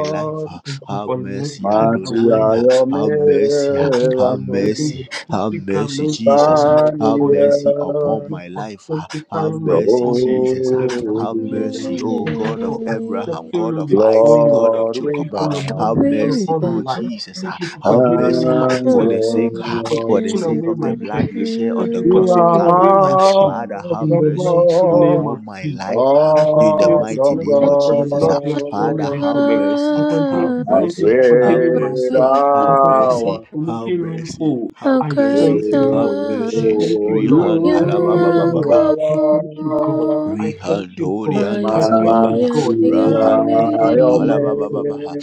life. ah.
Thank you
Have
for
mercy,
lifting
mighty
away
Adonai.
are
ah.
my
your
sins.
Have mercy, ah.
Thank you for
have
removing
miracles.
mercy,
the
have
filthy
mercy,
garment
Jesus.
from
ah.
my
Stand in
Have
body.
the
mercy
Thank
upon
earth,
you
my
for
life. ah. Have
sanctifying my
your
mercy,
body
Jesus.
with
ah.
the blood
holy
of
Have
Jesus.
Holy
mercy, O
name.
Thank you
God of
for
Abraham,
name,
accepting
God of
me before
Isaac,
you.
God of
Lord,
Thank
we
Jacob.
you
ah.
for your
bow
mercy
Have
upon
holy
mercy,
upon
O
my life.
Bible,
Jesus.
Thank
ah.
you for
Have
forgiving me
mercy ah.
my
and
for
sins.
the sake,
Thank
ah,
you for
for
worship
the
and
taking
sake
you
away
of the
my
you.
blood you
curses.
shed on
Thank
the
you for
You
cross of
taking
are
away
Calvary.
my
ah.
shame.
Father, have
In
awesome
the
mercy
mighty
God,
name of
upon my life
Jesus,
ah,
I
in the
continue to
mighty
awesome
bless
name
you
of
for the
Jesus.
love
ah.
you have shown
Father,
me
God.
this
have
moment. I
mercy,
continue
have
are
to
I
thank you
mercy,
for
have
forgiving
God.
my
pray
mercy,
sins.
I
I
have
thank you
thou
for
mercy,
art
have
making me
mercy,
whole.
have
How
I
great
mercy.
thank you,
thou
Have
holy,
Lord. I
mercy,
art,
thank you, Lord.
Rihan
I
you
thank you,
are
harabababa,
Lord. I
God,
thank you, God. I thank you,
Rihandoli
God.
and
I thank you,
mighty
Talababaha,
God. I thank you for
Rahandli and
forgiving
Yahweh,
my sins.
Talabababaha,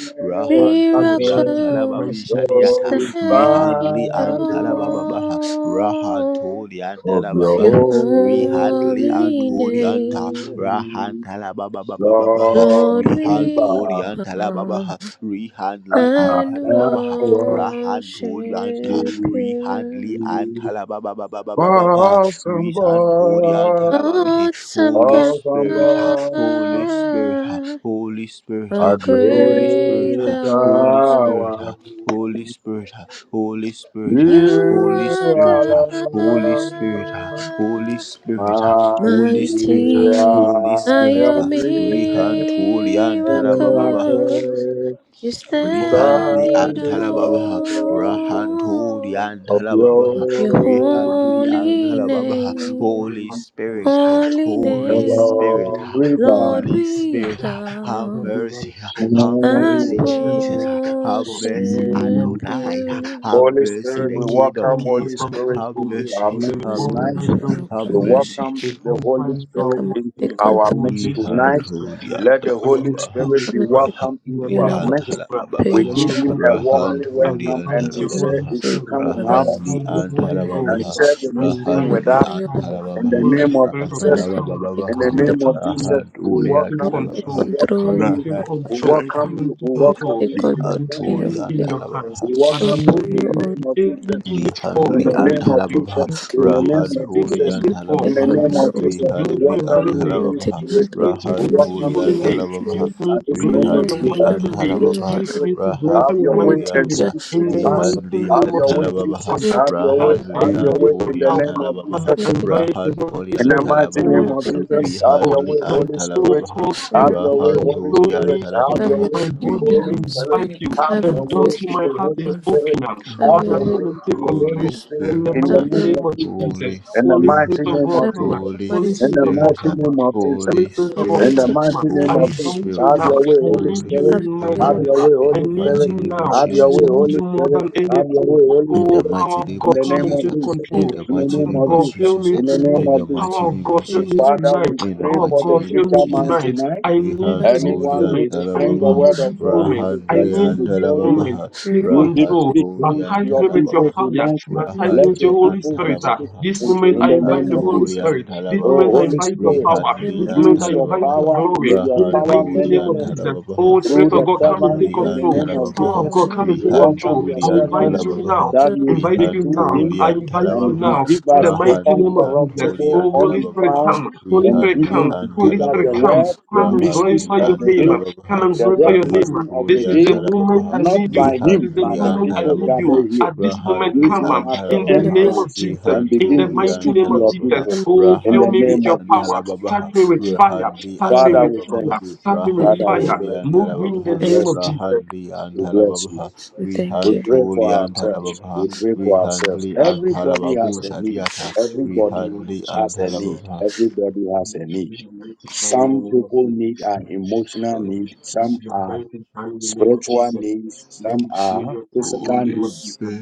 I
In
Rahandoli and
Jesus' mighty
Talababi
miracles,
name,
we
I
Shadiata,
pray.
stand in
Rihandli and
stand in awe
Talabababaha,
awe
Rahandoli and
of
of
your
your
Talababaha,
holy
Rihandli and
holy
Holianta,
name.
name.
Rahantalabababaha,
Lord,
Awesome
we
Rihandoli
God,
and
bow
Talababaha, Rihandli and
and
Talababaha, Rahantori anta,
worship
Rihanli
you,
anta la ba ba ba ba ba ba ba ba. Rihantori anta la ba bi.
awesome
Holy
God.
awesome
Spirit, ah,
God,
Holy Spirit, ah, Holy Spirit, ah,
How
a
Holy Spirit,
great
ah,
great
thou art,
Holy Spirit, ah,
one.
Holy Spirit, ah, Holy Spirit, ah,
You
you
Holy
are
Spirit,
God,
ah, Holy Spirit, ah,
alone,
Holy
Amen.
Spirit, ah, Holy Spirit,
mighty
ah,
mighty
Holy
are
are
Spirit,
your
am
ah, Rihantori anta la ba ba ba.
miracles.
miracle.
You
And
We
from by
stand
Rihandli
praise,
in
stand in
thank you
Antalababaha,
for the gift
awe
of
Rahanturi
awe
of
In the
your
name
of
Antalababaha,
of
your
glory.
Jesus.
Rihandli
holy
Mm,
Antalababaha,
name,
sorry
Holy
for the
Spirit, ha,
short.
holy
Holy
Mm,
name.
Spirit, ha,
actually,
Elohim,
short.
Lord,
Holy
we
Spirit,
Hallelujah,
ha, have
Kapamaro
bow
Dugal
mercy, ha,
short.
have
and
mercy,
Hallelujah,
Jesus,
Kapamaro
ha, have
short.
mercy,
worship
Hallelujah,
Adonai, ha,
Kapamaro
you.
have
short.
Holy
mercy,
Spirit,
the
we
Hallelujah,
King of
Kapamaro
welcome
short.
Kings,
Holy
ha,
Hallelujah,
Spirit
have
into our
mercy,
midst
Holy
have
tonight.
Spirit,
mercy,
we
Kapamaro
We
welcome
have
you.
short.
mercy,
welcome
Before
the Holy
time
Father,
draw
Spirit
Come and
hot in
into
take
it,
our
control.
who
midst
Come and
Jesus
take
tonight.
is
complete-
to
Rihandhuri
deal with,
and
Let the
when I
Holy
make you
Halababaha,
Spirit
with
be
Come and
brand,
take
welcome
you are
into
Rahandli
dominion
our
never
and
over this
the
midst.
brand,
We
when I
Halababaha,
give
page
know
of
him
our
a
Father,
conquer brand,
warmly
I will
Rahandhuri
welcome
and
find
and we
your
King
say
of
Holy
Halababaha,
if you
Kings.
Spirit,
come and
I
Father,
have
will
a
Rahandli
find the
seat
and
upon
Holy
your
and
Halababaha,
name,
Ghost,
share the
I
meeting
invite
with
Rahandli
your
us
conquer your
and
fire.
in the
Halababaha,
name.
Holy
name of
Spirit
and
of God,
Father,
Jesus,
come
come
and take
In the
Halababaha,
Come and
name
control.
of
touch me.
Jesus, we
Come
Rahandhuri
and
and
take
Come
welcome
and
you,
take
Halababaha,
we
control. Come
control
welcome
and
of
you,
take
our Father.
we
Rahandli
control.
and
welcome
Come and
you, we
take
Come and
Halababaha,
welcome
control.
you
take
I
in the
control,
am
name
King
of
of
killing
Rihandhuri and
in
Kings.
Jesus,
your hands.
we
Halababaha.
but
Call
Father,
welcome you
upon
mold me
in
you,
the
all.
name
into
of
any
Jesus,
image form
in
We
Lihandli
the
that
call
and
name
upon
pleases
you.
of
you.
Halababaha,
Jesus,
You
in
Put
the
me
name
into
of
any
Rahanduli
Jesus,
and
Come
image
and
in
take
form.
the
Halababaha,
name
Use
of
control.
me to
Jesus, we
glorify
Rihandli
your
welcome
and
holy
you,
Come
name.
and
Holy
take
Halababaha,
Use
Spirit,
control
me to
in
we
the
bless
mighty
your
Rahanduli
welcome
holy
you,
and
name
name.
of
Holy
Jesus.
Halababaha,
Use
Spirit,
me
at
to
this
glorify
Come and
moment,
your
we
take
Rihandli and
welcome
mighty
you,
name.
dominion
Holy
over
Halababaha,
Use
us.
Spirit,
me to glorify
have
your
your
Come
way
mighty
and
Rahanduli
take
and
and
name.
your
Ha,
speak to
seat,
In the
O
us,
Lord.
mighty
Rihandli
have
name
and
of
your way,
Jesus
Halababaha,
Christ.
Jesus,
Come and
have
take
your way,
Father, I
Rahandli
have your
and
invite
way
your
in
Huli
the
and
name
power.
of
Recon,
Jesus.
Father,
Come
I
Halababaha,
and take
invite the Holy
Rahanduli
In
and
the
Spirit.
mighty
your, come
name
Holy
and
of
take
Halababaha,
Spirit
your
Jesus,
of
seat.
have
God,
your
Rihandli
way,
my
and
Holy
soul
Spirit.
Halababaha,
calls you.
Come
Have
and
guys.
your
take,
way,
My
Holy
soul
Rahanduli and
Spirit.
needs you.
Have
have
your
your,
way,
My
Halababaha,
body
Holy Spirit.
invites you.
Have
have
The
your
door
way
your
to
in
my
the
heart
Holy
is
Spirit.
open.
way, have
Have
Father,
your
your
way,
way
come and take
in the
Holy
Holy
control.
Spirit
In the
in
Spirit,
the
have
uh,
mighty
your
name
way,
name
of
of
Jesus.
Jesus.
Holy
In the
Holy
Spirit,
Spirit
mighty
uh,
of
name
God,
of
have
come
your
on.
Jesus.
in the
Holy
Holy
In
mighty
the
Spirit
name,
of God,
Spirit, uh,
mighty
come on.
name of Jesus.
Holy
Holy
Spirit
the
of God,
In
Spirit,
the
mighty
come
uh,
name,
on.
mighty
I
name
Holy
of Jesus.
invite you
Spirit,
Have
uh,
now.
your way,
I
Holy
need
Holy
you
Spirit.
have
in my
Spirit,
your way, O
Have
Lord,
your
uh,
life.
way,
in the
I
Holy
need
Spirit.
mighty
you
name of
now.
Have
have
your
I
Jesus, uh,
way,
need
Holy
you more
Spirit.
than
Have your
anything.
way, Holy
in
Oh,
the
Spirit.
Power
mighty
of
name
In
God,
of
the
come
name
and
Jesus.
of
uh,
take
Jesus.
your way in
In
control.
the
the
In the
Power
mighty
name
of
name
of
of
God,
Jesus.
fill
Jesus.
me
uh,
In the name
tonight.
In the
of Jesus.
mighty
Power of
name of
God,
mighty
fill
name
me
Jesus.
of Jesus,
Father, we
tonight.
In the
pray
Power of
for
mighty
the
God,
name
fill
of
preacher
me
man
Jesus. uh,
tonight.
tonight.
I need
mighty
you
name,
this
Rihantuli
Anyone
we invite you to be in the mighty, name. in the mighty, name. in the
who
moment.
mighty, name.
to
I
bring the
need
Antalababa.
word
you
of
this
God, we
in
moment. I
Rahandli
present
need
him
you this
before you.
moment.
Antalababa.
the
Take
mighty name of Jesus. Come
You did
control.
speak
Rahantuli
through to
Baptize
your
me with your
people
Antalababa.
fire.
tonight.
Baptize me
Let
with your
Rahandli
your
Holy
people be
Spirit. ah.
speaking
Antalababa.
This
into
moment
in
I
the
invite
name
the
of
Holy
Rihantuli
Jesus.
Spirit. This
Oh,
moment
Antalababa.
I
Holy
invite your
Spirit,
power.
Rihandli
This moment
use
I
your
invite your
Antalababa.
power. May
glory.
your
In the
power
mighty
Rahantuli
name of
manifest
Jesus.
Antalababa.
Oh Spirit
through
of
the
God, come and
servant
take
Rihandli
in
and
the
take
control.
name of
control,
Power
O
Antalababa.
of
Jesus.
God,
Lord.
come and
We
take control.
welcome your
Rihanduli
I
Come
invite
servant
and
you
take
now
Antalababa.
that
control
you
invite
speak
you
through
now.
him
Rihantuli
I
and
invite you
and you
Talababha,
now.
give
In the
us the
mighty name
Rahanli
of
and
Jesus.
Holi
uncorruptible,
and
Oh, Holy Spirit,
undefiled,
Talababha,
come. Holy
and
Spirit,
give,
Rihanli
him-
come.
and
give
Holy
us
Spirit,
the
Talababha,
come.
word, the
Come and
mysteries
Rahanli
glorify
of
your
and
the
name.
day,
Come and
Talababha,
the
glorify your name.
revelation of the
This
Rahantuli
is
and
day,
the moment I
not
Talababha,
need you.
by
This
him,
is the
but
Rihanli
the
and
moment I
people
need you.
Talababha,
gathered here.
At this moment,
Rahandli
Use
come
him
and
as the
in
in
the
the
Talababha,
name
mighty,
of
entrance
Jesus.
and
Rihantu
In
begin
the
to
mighty
Julian
speak to
name of
your
Talababaha,
Jesus.
the
people
mighty,
Oh,
name.
in
fill
the
me
Rahadli
with
name
your
of
and
power.
Jesus.
Talababaha,
Touch me with
come and
fire.
Rahadli
Touch
and
me
control
Father,
with
we
Talababaha,
thank
fire.
you.
Touch me with
in the
Rahan
Father, we
mighty.
fire.
bless
Tulian
you.
Move me in the
Talababaha,
We
Thank
name
you,
bless
of
you.
Jesus.
Rahadli and
We bless you.
Talababaha,
we thank
We
Rihan
you.
pray for
Tulian
ourselves.
Talababaha,
We pray for ourselves.
Rihandli and
Everybody has
Talababu
a need.
Forgiveness is
Shadiata,
good in the
Everybody
name of
Rihadli and
has a
Jesus.
need.
Talababaha.
Everybody has
We
a need.
free your mighty hand in the
Some
name of
people need
Jesus.
an emotional
Let me
need.
feel
Some
your
are
mighty hand in the name of
spiritual
Jesus.
needs.
Let
Some
me feel
are
your touch in
physical
the
Holy
name of
needs.
Jesus.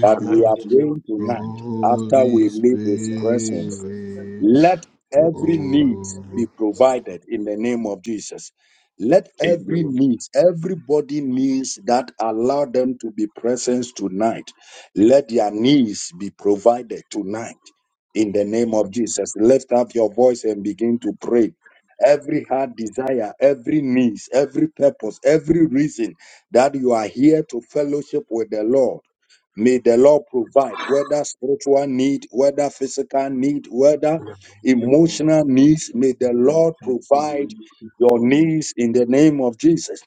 But
Father,
we
in
are
the name of
praying
Jesus.
tonight after
Holy
we leave His presence
Spirit,
let every need be
oh.
provided in the name of Jesus. Let every
Amen.
need, everybody needs that allow them to be present tonight. Let their needs be provided tonight in the name of Jesus. Lift up your voice and begin to pray. Every heart desire, every needs, every purpose, every reason that you are here to fellowship with the Lord. May the Lord provide whether spiritual need, whether physical need, whether
In the mighty name of
emotional needs.
Jesus,
May
we
the Lord
choose to
provide
release it
your
for you.
needs in the name of Jesus.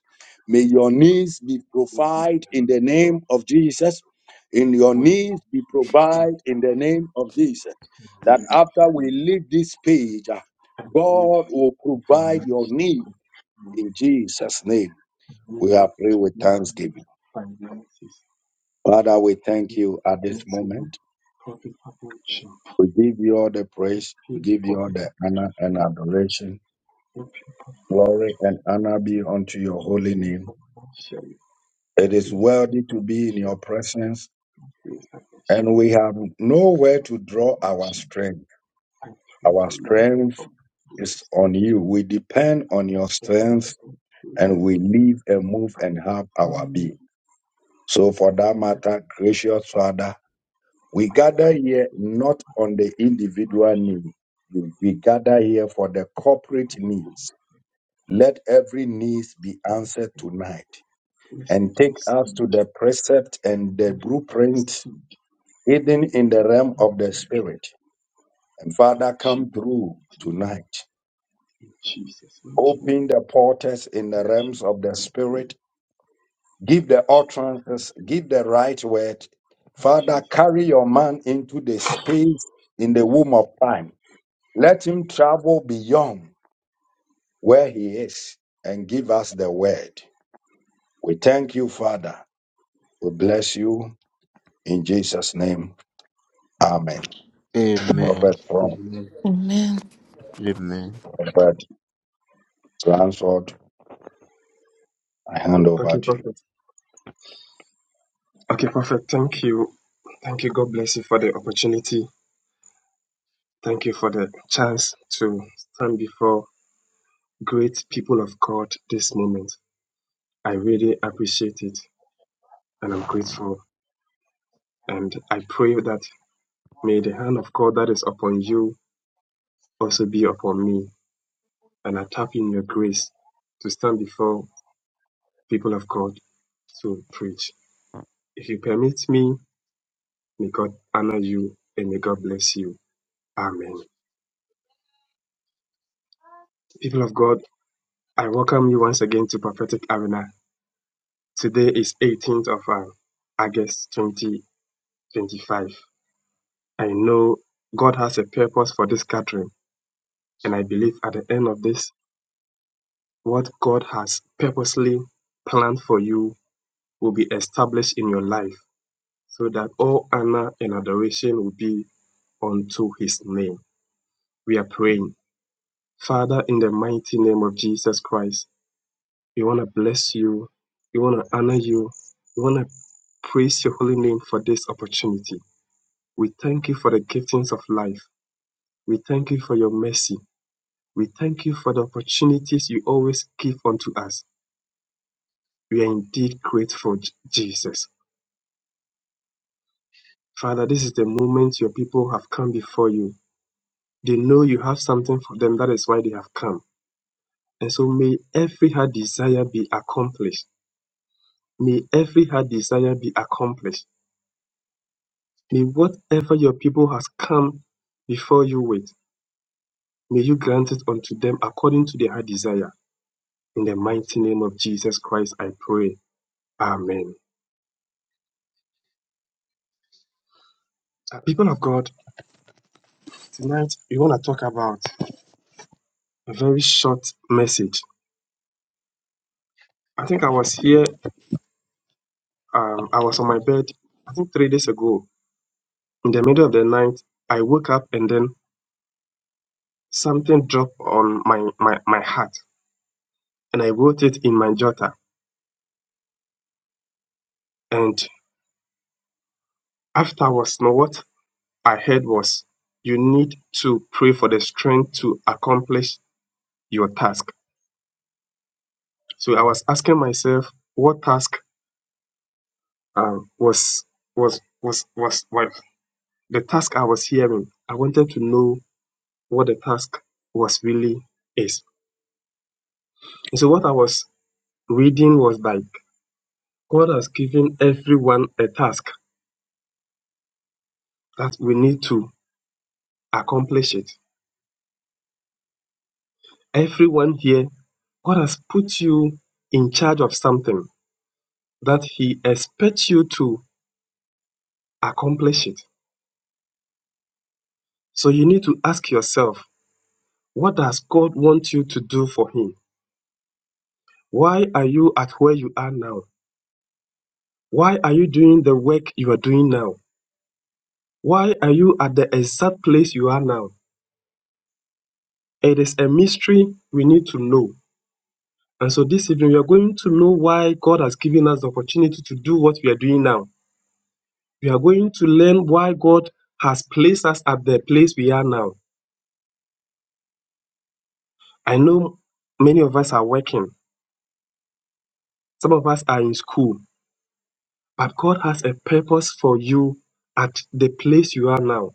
May your needs be
Good
provided in
morning,
the
God.
name of Jesus. In your
When I reach
needs be
in
provided
the
in the name of Jesus.
name
That
of
after we
Jesus,
leave this page, ah,
I need
God will provide your
financial
need
support.
in Jesus' name.
I need
We
you
are pray
to
with
bless me with
thanksgiving.
finances.
Father, we thank you at this
Blessing,
moment.
Party Papancha,
We give you all the praise. We
Pin
give you
Party
all the
Papancha
honor
for
and
you,
adoration.
not Pin Party
Glory
Papancha.
and honor be unto your
Bless
holy
me
name.
financially,
It is
bless me
worthy to be in
financially,
your presence,
bless me
and
financially.
we have nowhere to draw
Lord
our strength.
I pray for
Our
long
strength
from
is
bless
on you. We depend on your
me for this
strength,
heaven, bless
and we live and move and have our being. So, for that matter, gracious Father, we
I
gather
count
here not on the
my
individual need. We gather here for the corporate needs. Let every need be answered tonight.
blessed
and take us to
seed,
the precept and the blueprint,
seed,
hidden in the realm of the spirit. And Father, come
Jesus'
through tonight.
in Jesus' name.
Open the portals in the realms of the spirit. Give the utterances, give the right word. Father, carry your man into the space in the womb of time. Let him travel beyond where he is and give us the word. We thank you, Father. We bless you in Jesus' name. Amen.
Amen.
Prophet Ron.
Amen.
But answered, I hand
Okay,
over to you.
perfect. Okay, perfect. Thank you. Thank you. God bless you for the opportunity. Thank you for the chance to stand before great people of God this moment. I really appreciate it and I'm grateful. And I pray that may the hand of God that is upon you also be upon me. And I tap in your grace to stand before people of God to preach. If you permit me, may God honor you and may God bless you. Amen. People of God, I welcome you once again to Prophetic Arena. Today is 18th of uh, August twenty 25. I know God has a purpose for this gathering, and I believe at the end of this, what God has purposely planned for you will be established in your life so that all honor and adoration will be unto his name. We are praying. Father, in the mighty name of Jesus Christ, we want to bless you. We want to honor you. We want to praise your holy name for this opportunity. We thank you for the giftings of life. We thank you for your mercy. We thank you for the opportunities you always give unto us. We are indeed grateful, J- Jesus. Father, this is the moment your people have come before you. They know you have something for them, that is why they have come. And so may every heart desire be accomplished. May every heart desire be accomplished. May whatever your people has come before you with, may you grant it unto them according to their heart desire. In the mighty name of Jesus Christ, I pray. Amen. Uh, People of God, Tonight, we want to talk about a very short message. I think I was here, um, I was on my bed, I think three days ago. In the middle of the night, I woke up and then something dropped on my, my, my heart and I wrote it in my jotter. And afterwards, you know what I heard was, you need to pray for the strength to accomplish your task. So I was asking myself, what task um, was was was was the task I was hearing, I wanted to know what the task was really is. And so what I was reading was like God has given everyone a task that we need to accomplish it. Everyone here, God has put you in charge of something that He expects you to accomplish it. So you need to ask yourself, what does God want you to do for Him? Why are you at where you are now? Why are you doing the work you are doing now? Why are you at the exact place you are now? It is a mystery we need to know. And so this evening, we are going to know why God has given us the opportunity to do what we are doing now. We are going to learn why God has placed us at the place we are now. I know many of us are working, some of us are in school, but God has a purpose for you at the place you are now.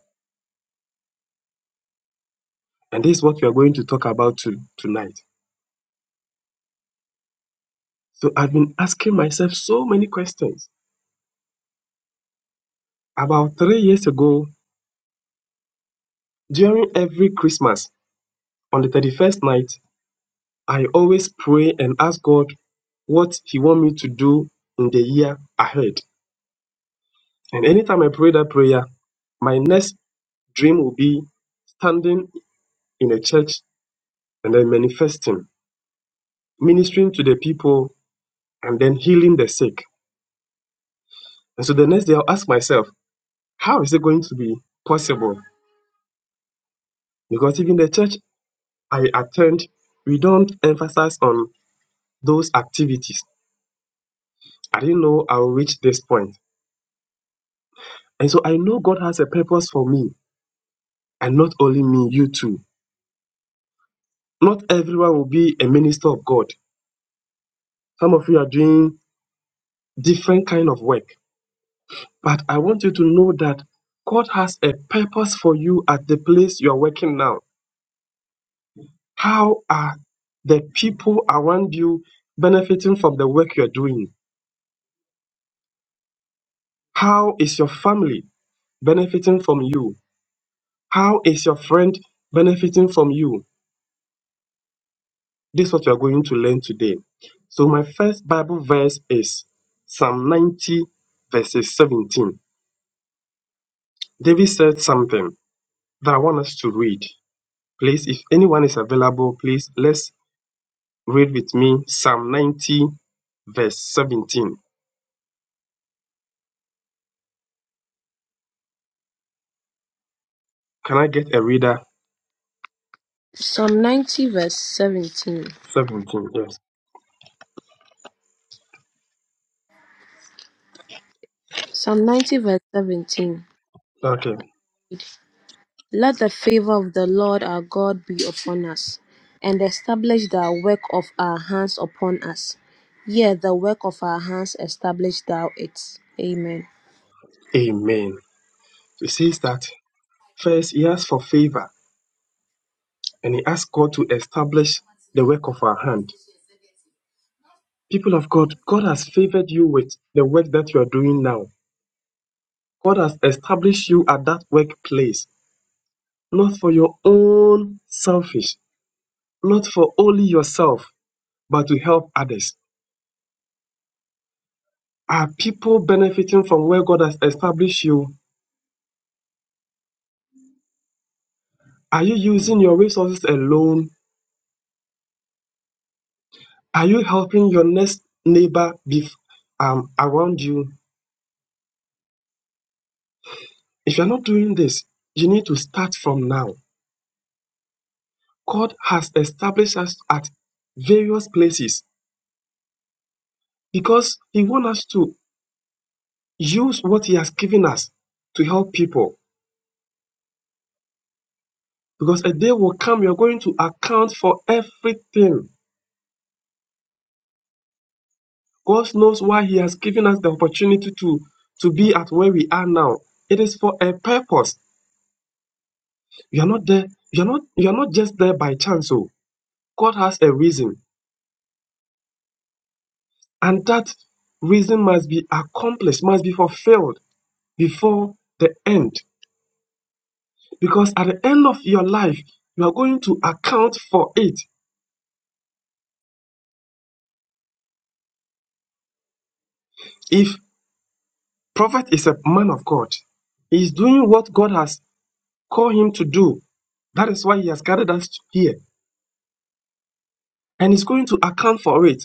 And this is what we are going to talk about to, tonight. So I've been asking myself so many questions. About three years ago, During every Christmas on the 31st night, I always pray and ask God what He want me to do in the year ahead. And anytime I pray that prayer, my next dream will be standing in a church and then manifesting, ministering to the people, and then healing the sick. And so the next day, I'll ask myself, how is it going to be possible? Because even the church I attend, we don't emphasize on those activities. I didn't know I'll reach this point. And so I know God has a purpose for me and not only me, you too. Not everyone will be a minister of God. Some of you are doing different kind of work, but I want you to know that God has a purpose for you at the place you are working now. How are the people around you benefiting from the work you're doing? How is your family benefiting from you? How is your friend benefiting from you? This is what you are going to learn today. So, my first Bible verse is Psalm 90, verses 17. David said something that I want us to read. Please, if anyone is available, please let's read with me Psalm 90, verse 17. Can I get a reader?
Psalm 90 verse 17.
17, yes.
Psalm 90 verse 17.
Okay.
Let the favor of the Lord our God be upon us, and establish the work of our hands upon us. Yea, the work of our hands establish thou it. Amen.
Amen. So it says that
He
first he asked for favor and he asked God to establish
was also a
the work
member
of
of
our
the
hand.
National Council of
People of God, God has favored you with the work that you are doing now. God has established you at that workplace. not for your own selfish, not for only yourself, but to help others. Are people benefiting from where God has established you? Are you using your resources alone? Are you helping your next neighbor bef- um, around you? If you're not doing this, you need to start from now. God has established us at various places because He wants us to use what He has given us to help people Because a day will come, you're going to account for everything. God knows why He has given us the opportunity to, to be at where we are now. It is for a purpose. You are not there, you're not you're not just there by chance. Oh, God has a reason. And that reason must be accomplished, must be fulfilled before the end. Because at the end of your life, you are going to account for it. If prophet is a man of God, he is doing what God has called him to do That is why He has gathered us here and He's going to account for it.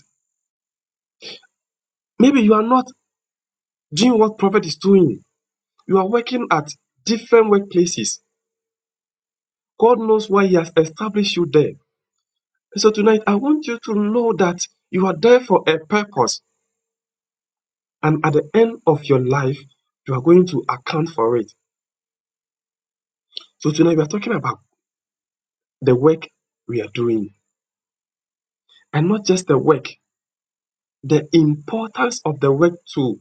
Maybe you are not doing what prophet is doing, you are working at different workplaces. God knows why He has established you there. so tonight, I want you to know that you are there for a purpose, and at the end of your life, you are going to account for it. So tonight, we are talking about the work we are doing, and not just the work, the importance of the work to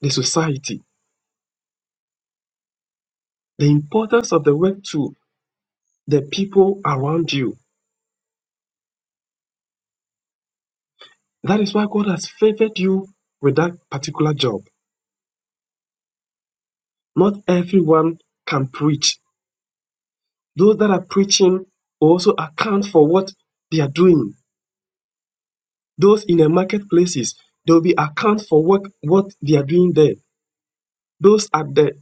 the society, the importance of the work to the people around you That is why God has favored you with that particular job. Not everyone can preach. Those that are preaching also account for what they are doing. Those in the marketplaces, they will be account for what, what they are doing there. Those at the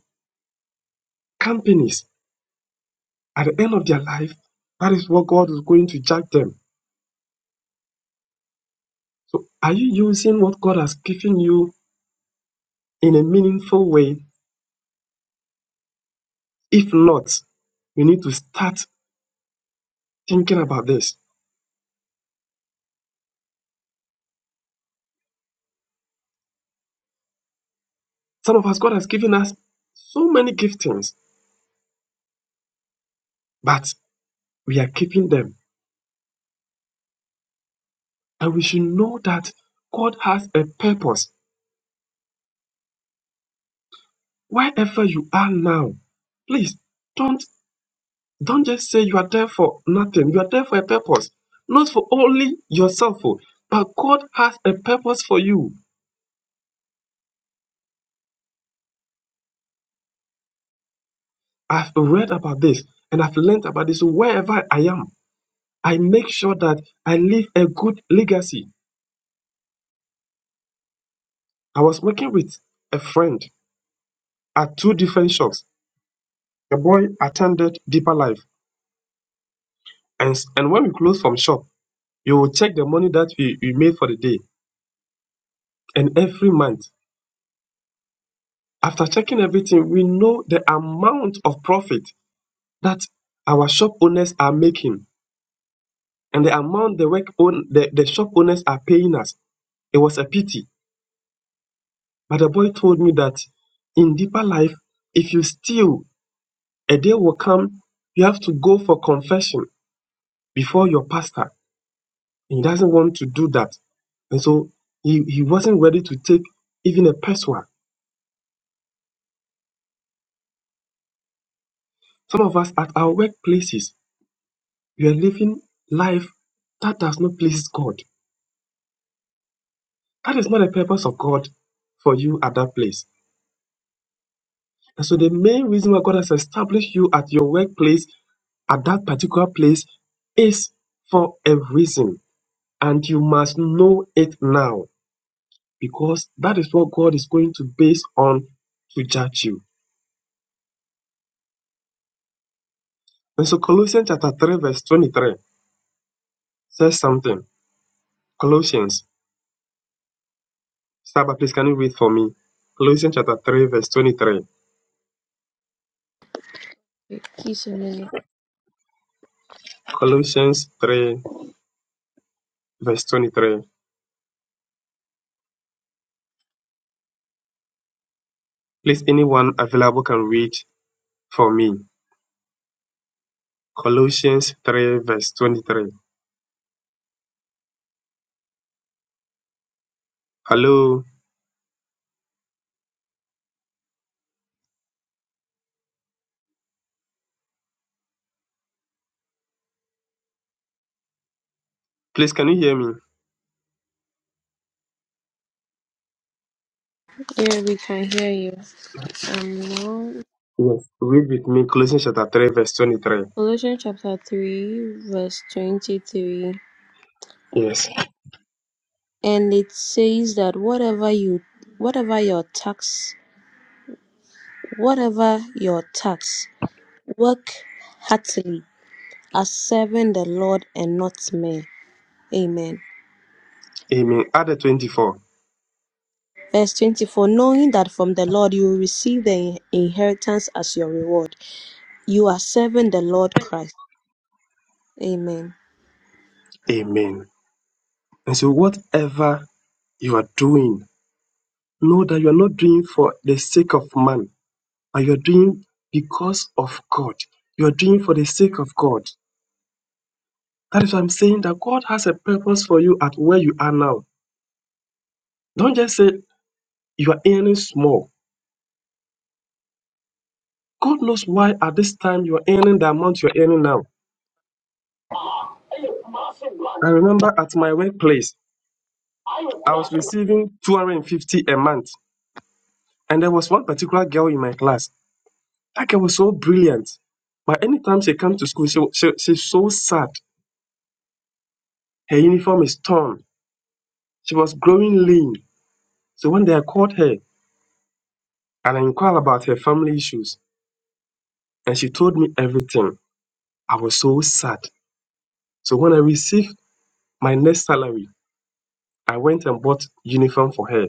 companies, at the end of their life, that is what God is going to judge them. Are you using what God has given you in a meaningful way? If not, we need to start thinking about this. Some of us, God has given us so many giftings, but we are keeping them. And we should know that God has a purpose. Wherever you are now, please don't don't just say you are there for nothing. You are there for a purpose, not for only yourself, oh, but God has a purpose for you. I've read about this and I've learned about this. So wherever I am, I make sure that I leave a good legacy. I was working with a friend at two different shops. The boy attended Deeper Life, and and when we closed from shop. you will check the money that we we made for the day and every month after checking everything we know the amount of profit that our shop owners are making and the amount the work own the, the shop owners are paying us it was a pity but the boy told me that in deeper life if you steal a day will come you have to go for confession before your pastor And he doesn't want to do that and so he, he wasn't ready to take even a peso some of us at our workplaces you are living life that does not please God. That is not the purpose of God for you at that place. And so the main reason why God has established you at your workplace, at that particular place, is for a reason. And you must know it now because that is what God is going to base on to judge you. And so Colossians chapter 3, verse 23 says something. Colossians, Saba, please can you read for me? Colossians chapter 3, verse 23.
Wait, Please a minute.
Colossians 3, verse 23. Please, anyone available can read for me. Colossians 3, verse 23. Hello. Please, can you hear me?
Yeah, we can hear you. Um, now,
Yes. Read with me Colossians chapter 3, verse 23.
Colossians chapter 3, verse 23.
Yes.
And it says that whatever you, whatever your tax, whatever your tax, work heartily are serving the Lord and not men. Amen.
Amen. Other 24.
Verse 24 Knowing that from the Lord you will receive the inheritance as your reward, you are serving the Lord Christ. Amen.
Amen. And so, whatever you are doing, know that you are not doing for the sake of man, but you are doing because of God. You are doing for the sake of God. That is why I'm saying that God has a purpose for you at where you are now. Don't just say, you are earning small. God knows why at this time you are earning the amount you're earning now.
I was a member of
I
the Committee
remember at my workplace,
on
I
Foreign
was receiving 250 a month. And there was one particular girl in my class. That girl was so brilliant. But anytime she comes to school, she, she, she's so sad. Her uniform is torn. She was growing lean. So one day I called her and I inquired about her family issues. And she told me everything. I was so sad. So when I received my next salary, I went and bought uniform for her.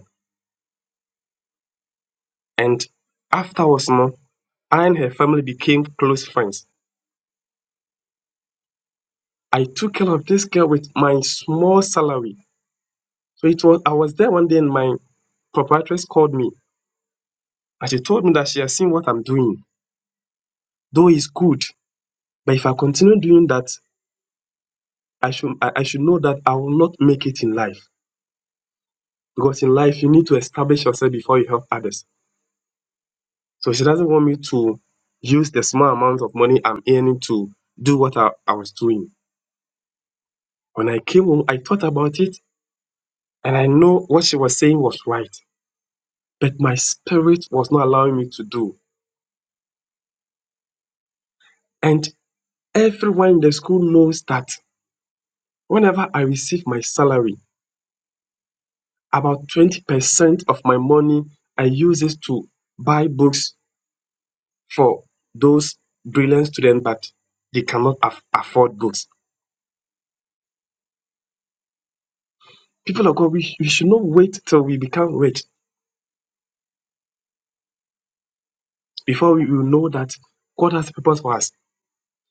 And afterwards, no, I and her family became close friends. I took care of this girl with my small salary. So it was I was there one day and my proprietress called me and she told me that she has seen what I'm doing, though it's good. But if I continue doing that, I should I, I should know that I will not make it in life. Because in life you need to establish yourself before you help others. So she doesn't want me to use the small amount of money I'm earning to do what I, I was doing. When I came home, I thought about it And I know what she was saying was right, but my spirit was not allowing me to do. And everyone in the school knows that whenever I receive my salary, about 20% of my money I use it to buy books for those brilliant students that they cannot aff- afford books. People of God, we, we should not wait till we become rich before we will know that God has a purpose for us.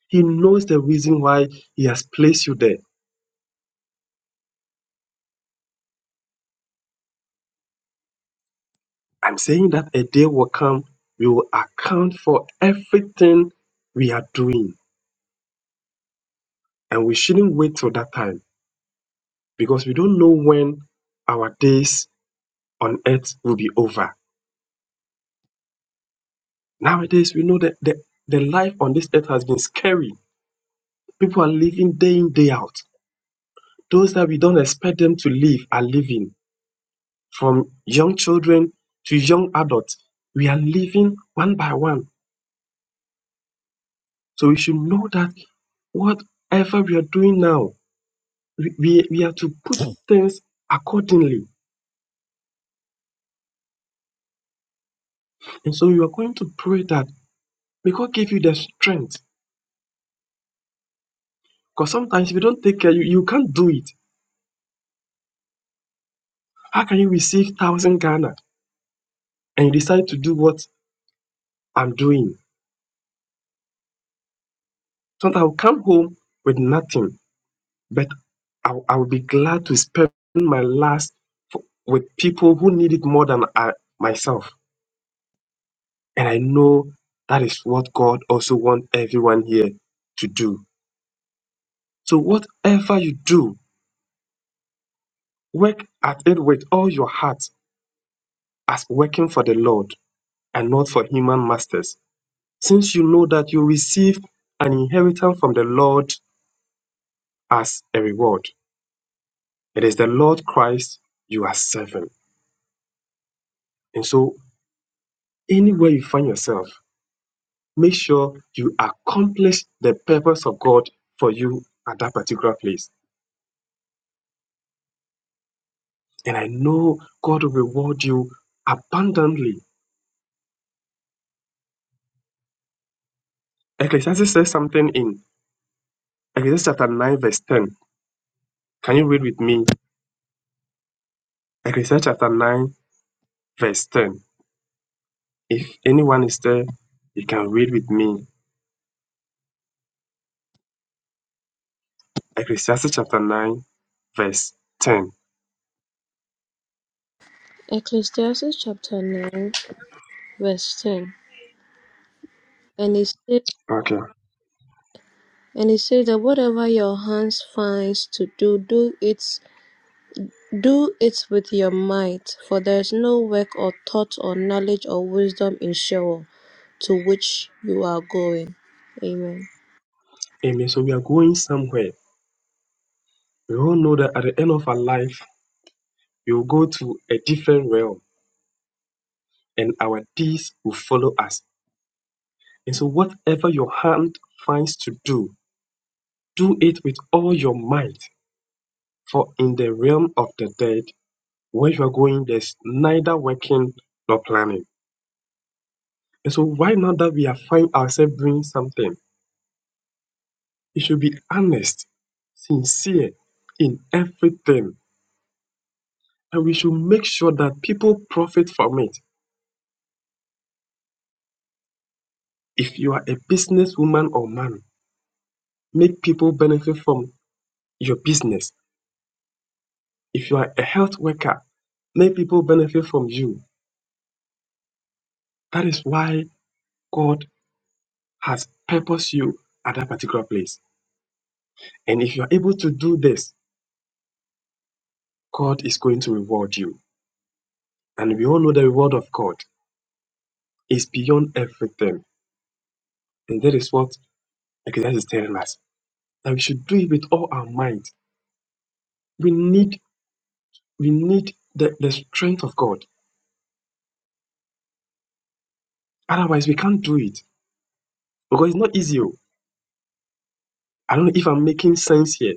He knows the reason why He has placed you there. I'm saying that a day will come, we will account for everything we are doing. And we shouldn't wait till that time because we don't know when our days on earth will be over. Nowadays, we know that the, the life on this earth has been scary. People are living day in, day out. Those that we don't expect them to live are living. From young children to young adults, we are living one by one. So we should know that whatever we are doing now we, we we have to put things accordingly. And so you are going to pray that may God give you the strength. Because sometimes if you don't take care, you, you can't do it. How can you receive thousand Ghana and you decide to do what I'm doing? Sometimes I'll come home with nothing, but I'll, I'll be glad to spend my last f- with people who need it more than I, myself. And I know that is what God also wants everyone here to do. So whatever you do, Work at it with all your heart as working for the Lord and not for human masters, since you know that you receive an inheritance from the Lord as a reward. It is the Lord Christ you are serving. And so, anywhere you find yourself, make sure you accomplish the purpose of God for you at that particular place. And I know God will reward you abundantly. Ecclesiastes says something in Ecclesiastes chapter 9, verse 10. Can you read with me? Ecclesiastes chapter 9, verse 10. If anyone is there, you can read with me. Ecclesiastes chapter 9, verse 10.
Ecclesiastes chapter 9, verse 10. And it says,
Okay.
and it says that whatever your hands finds to do, do it, do it with your might, for there is no work or thought or knowledge or wisdom in Sheol to which you are going. Amen.
Amen. So we are going somewhere. We all know that at the end of our life, we will go to a different realm and our deeds will follow us. And so, whatever your hand finds to do, do it with all your might. For in the realm of the dead, where you are going, there's neither working nor planning. And so, right now that we are find ourselves doing something, we should be honest, sincere in everything, and we should make sure that people profit from it. If you are a businesswoman or man, make people benefit from your business. If you are a health worker, make people benefit from you. That is why God has purposed you at that particular place. And if you are able to do this, God is going to reward you. And we all know the reward of God is beyond everything. And that is what Exodus is telling us that we should do it with all our might. We need we need the, the strength of God. Otherwise, we can't do it because it's not easy. oh. I don't know if I'm making sense here.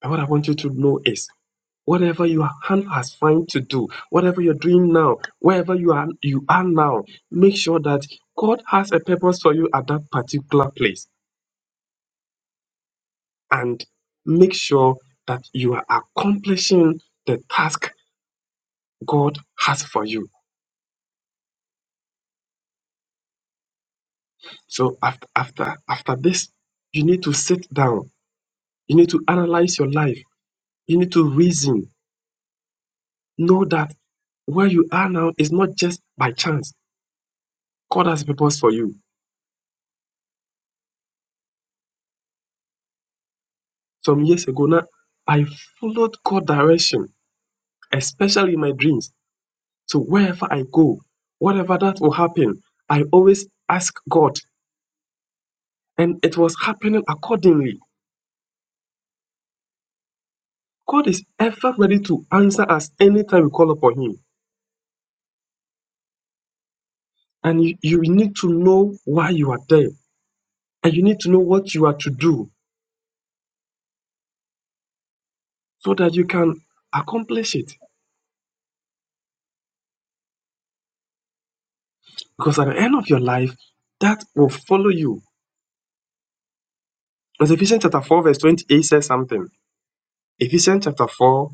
But what I want you to know is whatever your hand has found to do, whatever you're doing now, wherever you are you are now, make sure that God has a purpose for you at that particular place. And make sure that you are accomplishing the task God has for you So after after after this, you need to sit down. You need to analyze your life. You need to reason. Know that where you are now is not just by chance. God has a purpose for you. Some years ago now, I followed God's direction, especially in my dreams. So wherever I go, whatever that will happen, I always ask God. And it was happening accordingly. God is ever ready to answer us anytime we call upon Him. And you, you need to know why you are there. and you need to know what you are to do so that you can accomplish it. Because at the end of your life, that will follow you. As Ephesians chapter 4, verse 28 says something. Ephesians chapter 4,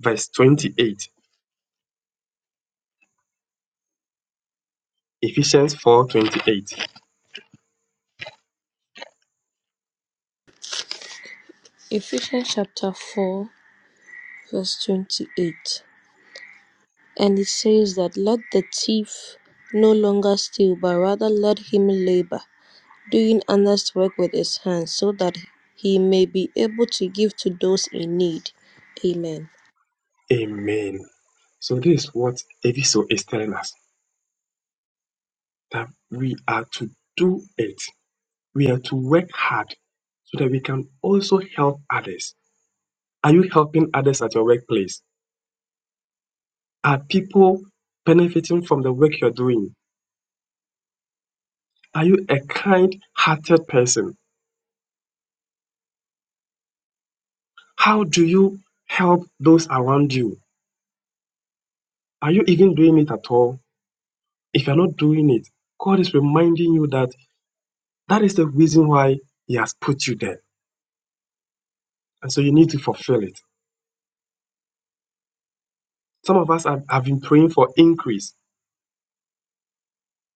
verse 28. Ephesians four twenty-eight.
Ephesians chapter 4, verse 28. And it says that let the thief no longer steal, but rather let him labor, doing honest work with his hands, so that he may be able to give to those in need. Amen.
Amen. So this is what Eviso is telling us that we are to do it. We are to work hard so that we can also help others. Are you helping others at your workplace? Are people benefiting from the work you're doing? Are you a kind hearted person? How do you help those around you? Are you even doing it at all? If you're not doing it, God is reminding you that that is the reason why He has put you there. And so you need to fulfill it. Some of us have, have been praying for increase,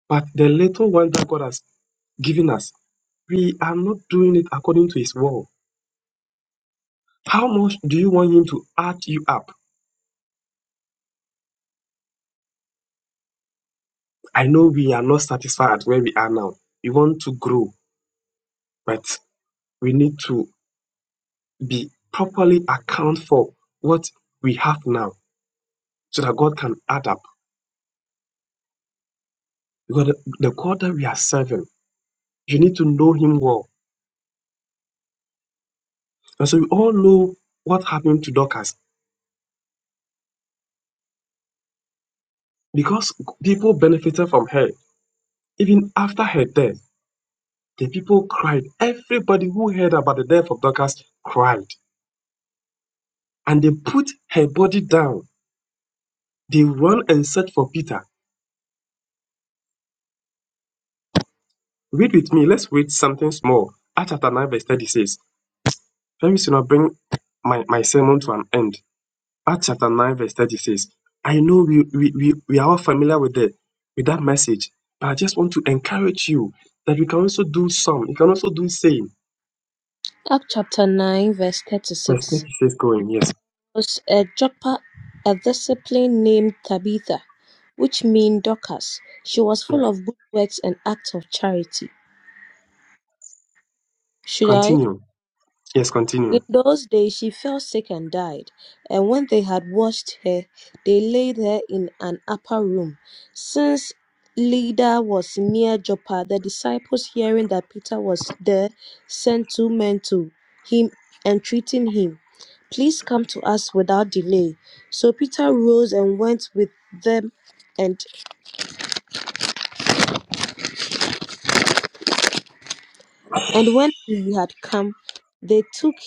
but the little one that God has given us, we are not doing it according to His will. How much do you want Him to add you up? I know we are not satisfied at where we are now. We want to grow, but we need to be properly account for what we have now so that God can add up. Because the, the God that we are serving, you need to know Him well. And so we all know what happened to Dorcas because people benefited from her. Even after her death, the people cried. Everybody who heard about the death of Dorcas cried. And they put her body down. They run and search for Peter. Read with me. Let's read something small. Acts chapter 9, verse 36. Very soon I'll bring my, my sermon to an end. Acts chapter 9, verse thirty says, I know we, we, we, we are all familiar with, the, with that message, but I just want to encourage you that you can also do some. You can also do same.
Acts chapter 9, verse
Verse
36.
36 going. Yes.
There was a Joppa, a discipline named Tabitha, which means Dorcas. She was
Yes.
full of good works and acts of charity. Should I?
Continue. Yes, continue.
In those days she fell sick and died. And when they had washed her, they laid her in an upper room. Since Lydda was near Joppa, the disciples, hearing that Peter was there, sent two men to him, entreating him, Please come to us without delay. So Peter rose and went with them, and, and when he had come, they took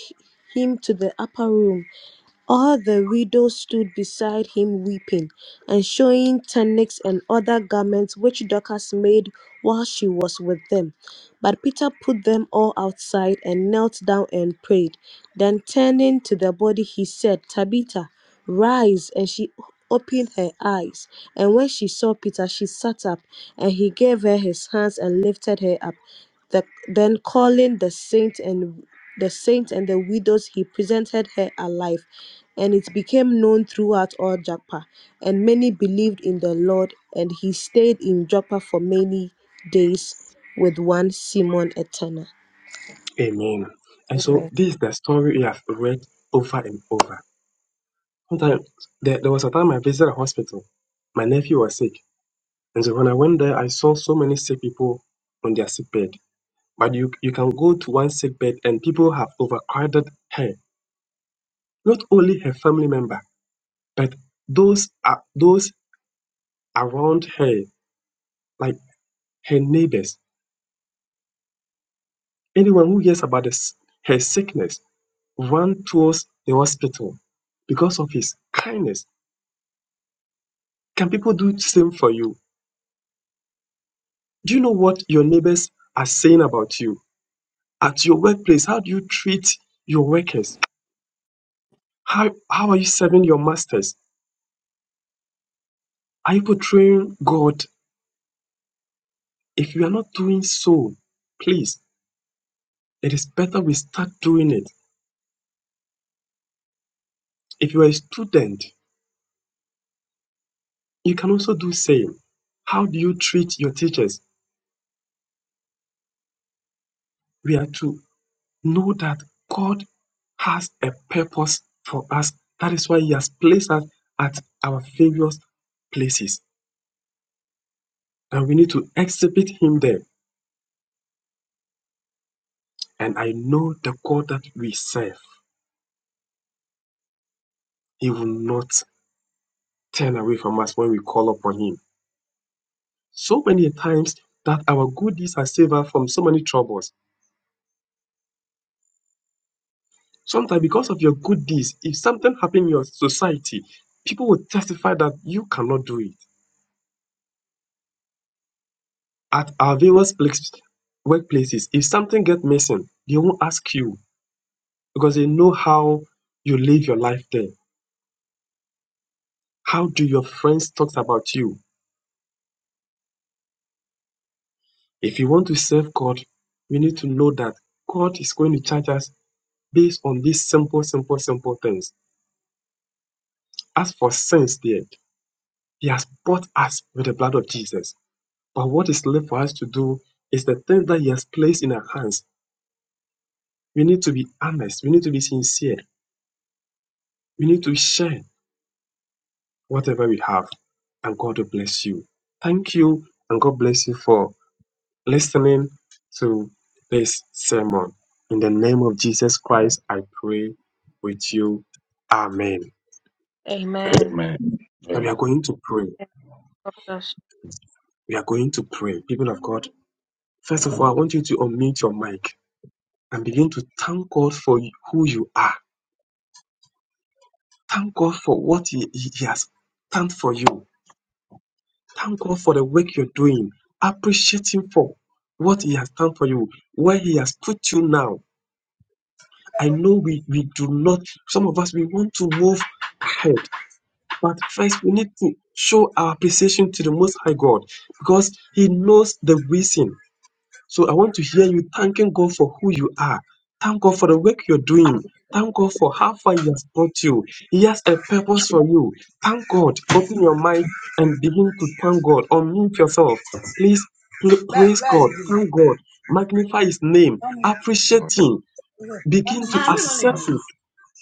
him to the upper room All the widows stood beside him weeping, and showing tunics and other garments which Dorcas made while she was with them. But Peter put them all outside and knelt down and prayed. Then turning to the body, he said, Tabitha, rise. And she opened her eyes. And when she saw Peter, she sat up, and he gave her his hands and lifted her up. The, then calling the saint and the saints, and the widows, he presented her alive. And it became known throughout all Joppa. And many believed in the Lord, and he stayed in Joppa for many days with one Simon a tanner.
Amen. And so
Amen.
this is the story we have read over and over. Sometimes there, there was a time I visited a hospital. My nephew was sick. And so when I went there, I saw so many sick people on their sick bed. But you, you can go to one sick bed and people have overcrowded her Not only her family member, but those are those around her, like her neighbors, anyone who hears about this, her sickness, runs towards the hospital because of his kindness. Can people do the same for you? Do you know what your neighbors are saying about you? At your workplace, how do you treat your workers? How, how are you serving your masters? Are you portraying God? If you are not doing so, please, it is better we start doing it. If you're a student, you can also do same. How do you treat your teachers? We are to know that God has a purpose for us. That is why He has placed us at our various places. And we need to exhibit Him there. And I know the God that we serve, He will not turn away from us when we call upon Him. So many times that our good deeds have saved us from so many troubles Sometimes, because of your good deeds, if something happened in your society, people will testify that you cannot do it. At our various place, workplaces, if something get missing, they won't ask you because they know how you live your life there. How do your friends talk about you? If you want to serve God, we need to know that God is going to charge us based on these simple, simple, simple things. As for sins, there, He has bought us with the blood of Jesus. But what is left for us to do is the things that He has placed in our hands. We need to be honest. We need to be sincere. We need to share whatever we have. And God will bless you. Thank you. And God bless you for listening to this sermon. In the name of Jesus Christ, I pray with you. Amen.
Amen.
Amen.
Now we are
Amen.
going to pray. We are going to pray. People of God, first of all, I want you to unmute your mic and begin to thank God for who you are Thank God for what He, he, he has done for you. Thank God for the work you're doing. Appreciate Him for what He has done for you, where He has put you now. I know we, we do not, some of us, we want to move ahead. But first, we need to show our appreciation to the Most High God because He knows the reason So I want to hear you thanking God for who you are. Thank God for the work you're doing. Thank God for how far He has brought you. He has a purpose for you. Thank God. Open your mind and begin to thank God. Unmute yourself. Please pl-
Bla-
praise
bla-
God.
ilgili.
Thank God. Magnify His name.
Tam ilgili.
Appreciate Him.
Tam
Begin
ilgili.
to
Aynen öyle
accept
ilgili.
Him.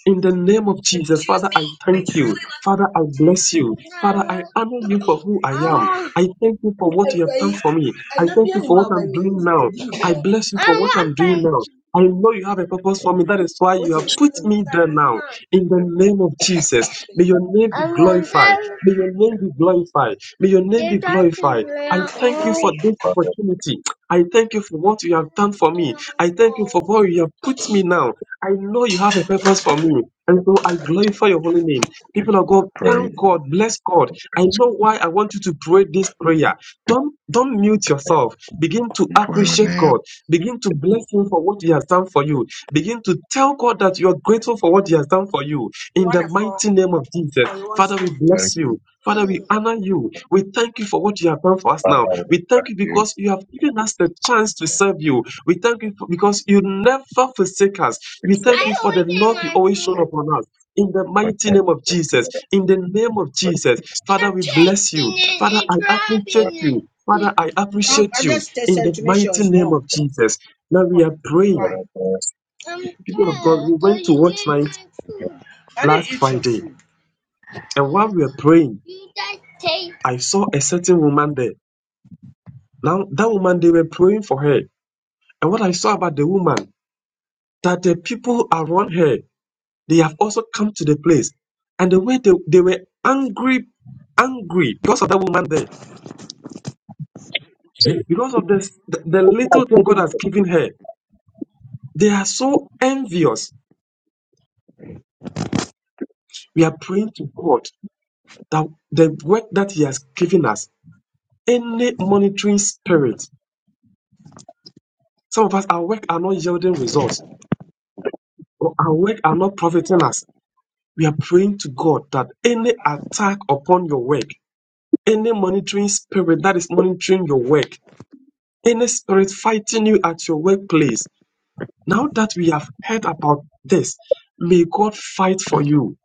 In the name of Jesus, Father,
Choose me.
I
I
thank you.
truly
Father, I bless you. Father, I
love
honor you for who I am.
Ah.
I thank you for what you have
Ay,
done for me.
ay,
I
nan
thank
biya
you
ni
for
wa
what
ba
I'm
ye.
doing now.
Di ni.
I bless you
I
for what
want
I'm
pay.
doing now. I know you have a purpose for me. That is why you
What is?
have put me there
it?
now. In the name of Jesus, may your name be
I want
glorified. May your name be glorified. May your name be
data to
glorified. I
bring
thank you for
all.
this opportunity. I thank you for what you have done for me. I thank you for where you have put me now. I know you have a purpose for me. And so I glorify your holy name. People of God,
Pray
thank God, bless God. I know why I want you to pray this prayer. Don't don't mute yourself. Begin to
for your
appreciate God.
name,
Begin to bless Him for what He has done for you. Begin to tell God that you are grateful for what He has done for you.
You
In the
want a four
mighty name of Jesus.
or you want
Father, we
spoon?
like
bless you. Father, we
Mm.
honor you. We thank you for what you have done for us now. We thank you because you have given us the chance to serve you. We thank you for, because you never forsake us. We
I
thank you for the
always eat
love you
my
always shown
food.
upon us. In the mighty name of Jesus, in the name of Jesus, Father,
You're
we bless you.
taking it
Father,
and
I appreciate
dropping
you. Father,
it.
I
Um, I
appreciate you.
just
In
tested
the
to make sure
mighty
it's
name
warm.
of Jesus. Now we
Oh,
are praying.
why? I'm
People of God,
tired.
we
So
went to
you
watch
ate
night
my food. I didn't
last
eat your
Friday.
food.
And while
You,
we were praying,
you just take
I saw a certain woman there. Now, that woman, they were praying for her. And what I saw about the woman, that the people around her they have also come to the place. And the way they, they were angry, angry because of that woman there, because of this, the, the little thing God has given her, they are so envious. We are praying to God that the work that He has given us, any monitoring spirit, some of us, our work are not yielding results, or our work are not profiting us. We are praying to God that any attack upon your work, any monitoring spirit that is monitoring your work, Any spirit fighting you at your workplace, now that we have heard about this, may God fight for you.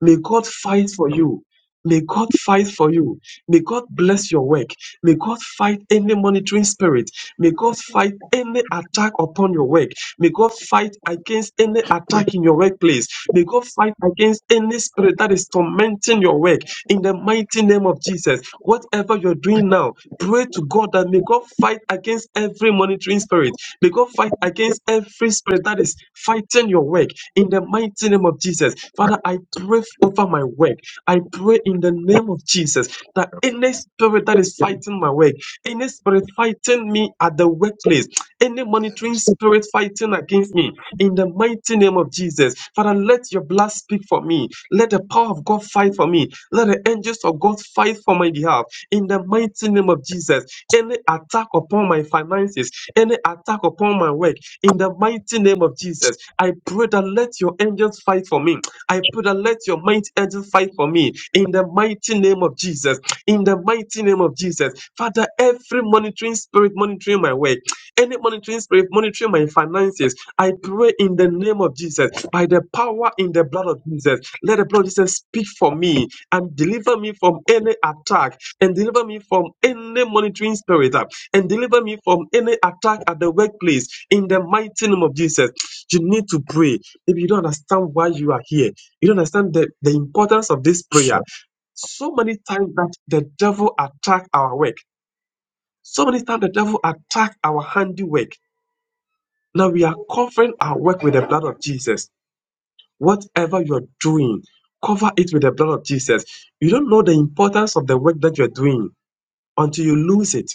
May God fight for you. May God fight for you. May God bless your work. May God fight any monitoring spirit. May God fight any attack upon your work. May God fight against any attack in your workplace. May God fight against any spirit that is tormenting your work in the mighty name of Jesus. Whatever you're doing now, pray to God that may God fight against every monitoring spirit. May God fight against every spirit that is fighting your work in the mighty name of Jesus. Father, I pray over my work. I pray in the name of Jesus that any spirit that is fighting my way, any spirit fighting me at the workplace, any monitoring spirit fighting against me, in the mighty name of Jesus, Father, let your blood speak for me. Let the power of God fight for me. Let the angels of God fight for my behalf. In the mighty name of Jesus, any attack upon my finances, any attack upon my work, in the mighty name of Jesus, I pray that let your angels fight for me I pray that let your mighty angel fight for me in the mighty name of Jesus. In the mighty name of Jesus. Father, every monitoring spirit monitoring my work, any monitoring spirit monitoring my finances, I pray in the name of Jesus, by the power in the blood of Jesus, let the blood of Jesus speak for me and deliver me from any attack and deliver me from any monitoring spirit uh, and deliver me from any attack at the workplace in the mighty name of Jesus. You need to pray. If you don't understand why you are here, you don't understand the, the importance of this
which uh,
prayer. So many times that the devil attack our work. So many times the devil attack our handiwork. Now we are covering our work with the blood of Jesus. Whatever you're doing, cover it with the blood of Jesus. You don't know the importance of the work that you're doing until you lose it.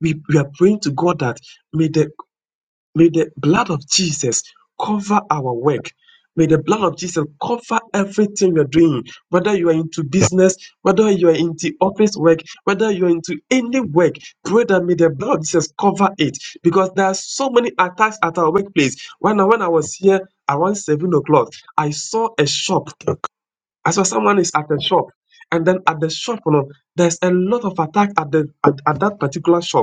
We, we are praying to God that may the May the blood of Jesus cover our work. May the blood of Jesus cover everything you're doing, whether you are into business, whether you are into office work, whether you're into any work. Pray that may the blood of Jesus cover it because there are so many attacks at our workplace. When I, when I was here around 7 o'clock, I saw a shop. I saw someone is at a shop. And then at the shop, you know, there's a lot of attack at, the, at, at that particular shop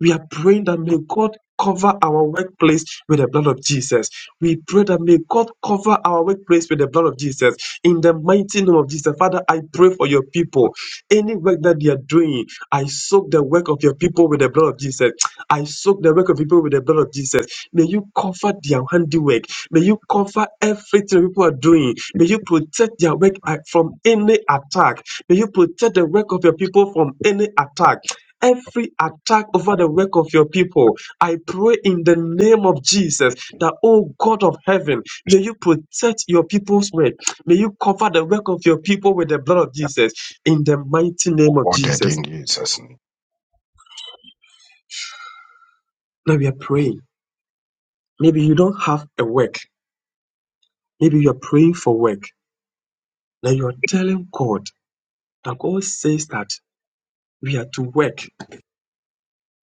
we are praying that may God cover our workplace with the blood of Jesus. We pray that may God cover our workplace with the blood of Jesus. In the mighty name of Jesus, Father, I pray for your people. Any work that they are doing, I soak the work of your people with the blood of Jesus. I soak the work of people with the blood of Jesus. May you cover their handiwork. May you cover everything people are doing. May you protect their work uh, from any attack. May you protect the work of your people from any attack every attack over the work of your people. I pray in the name of Jesus that, oh God of heaven, may you protect your people's work. May you cover the work of your people with the blood of Jesus in the mighty name of
ordered
Jesus.
in Jesus' name.
Now we are praying. Maybe you don't have a work. Maybe you are praying for work. Now you are telling God that God says that we are to work.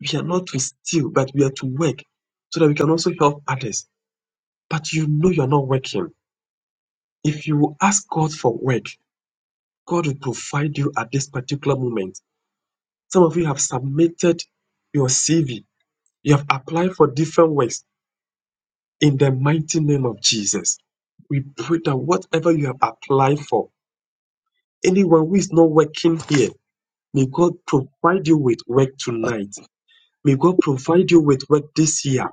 We are not to steal, but we are to work so that we can also help others. But you know you are not working If you ask God for work, God will provide you at this particular moment. Some of you have submitted your CV, you have applied for different works in the mighty name of Jesus. We pray that whatever you have applied for, anyone who is not working here, may God provide you with work tonight. May God provide you with work this year.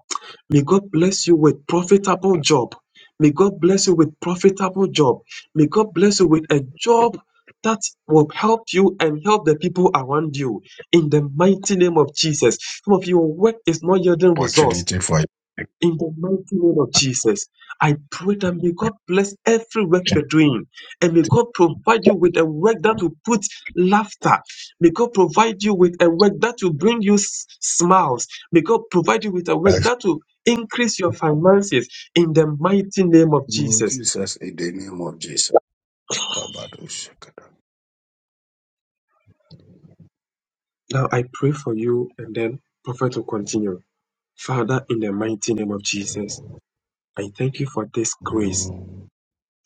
May God bless you with profitable job. May God bless you with profitable job. May God bless you with a job that will help you and help the people around you in the mighty name of Jesus. Some of your work is not yielding results
Opportunity for you.
in the mighty name of Jesus, I pray that may God bless every work you're doing and may God provide you with a work that will put laughter. May God provide you with a work that will bring you s- smiles. May God provide you with a work that will increase your finances in the mighty name of
Lord
Jesus.
Jesus, in the name of Jesus. Kabadosh.
Now I pray for you and then prophet will continue. Father, in the mighty name of Jesus, I thank you for this grace.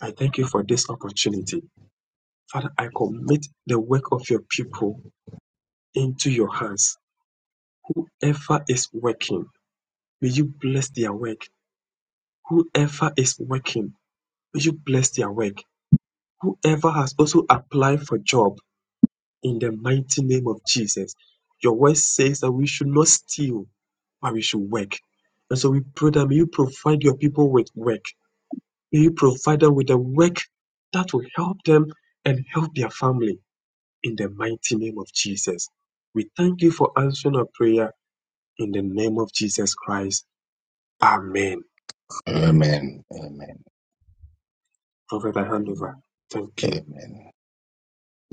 I thank you for this opportunity. Father, I commit the work of your people into your hands. Whoever is working, may you bless their work. Whoever is working, may you bless their work. Whoever has also applied for job in the mighty name of Jesus. Your word says that we should not steal, but we should work. And so we pray that may you provide your people with work. May you provide them with the work that will help them and help their family. in the mighty name of Jesus. We thank you for answering our prayer in the name of Jesus Christ. Amen.
Amen. Amen.
Prophet, I hand over.
Mm.
Thank you.
Amen.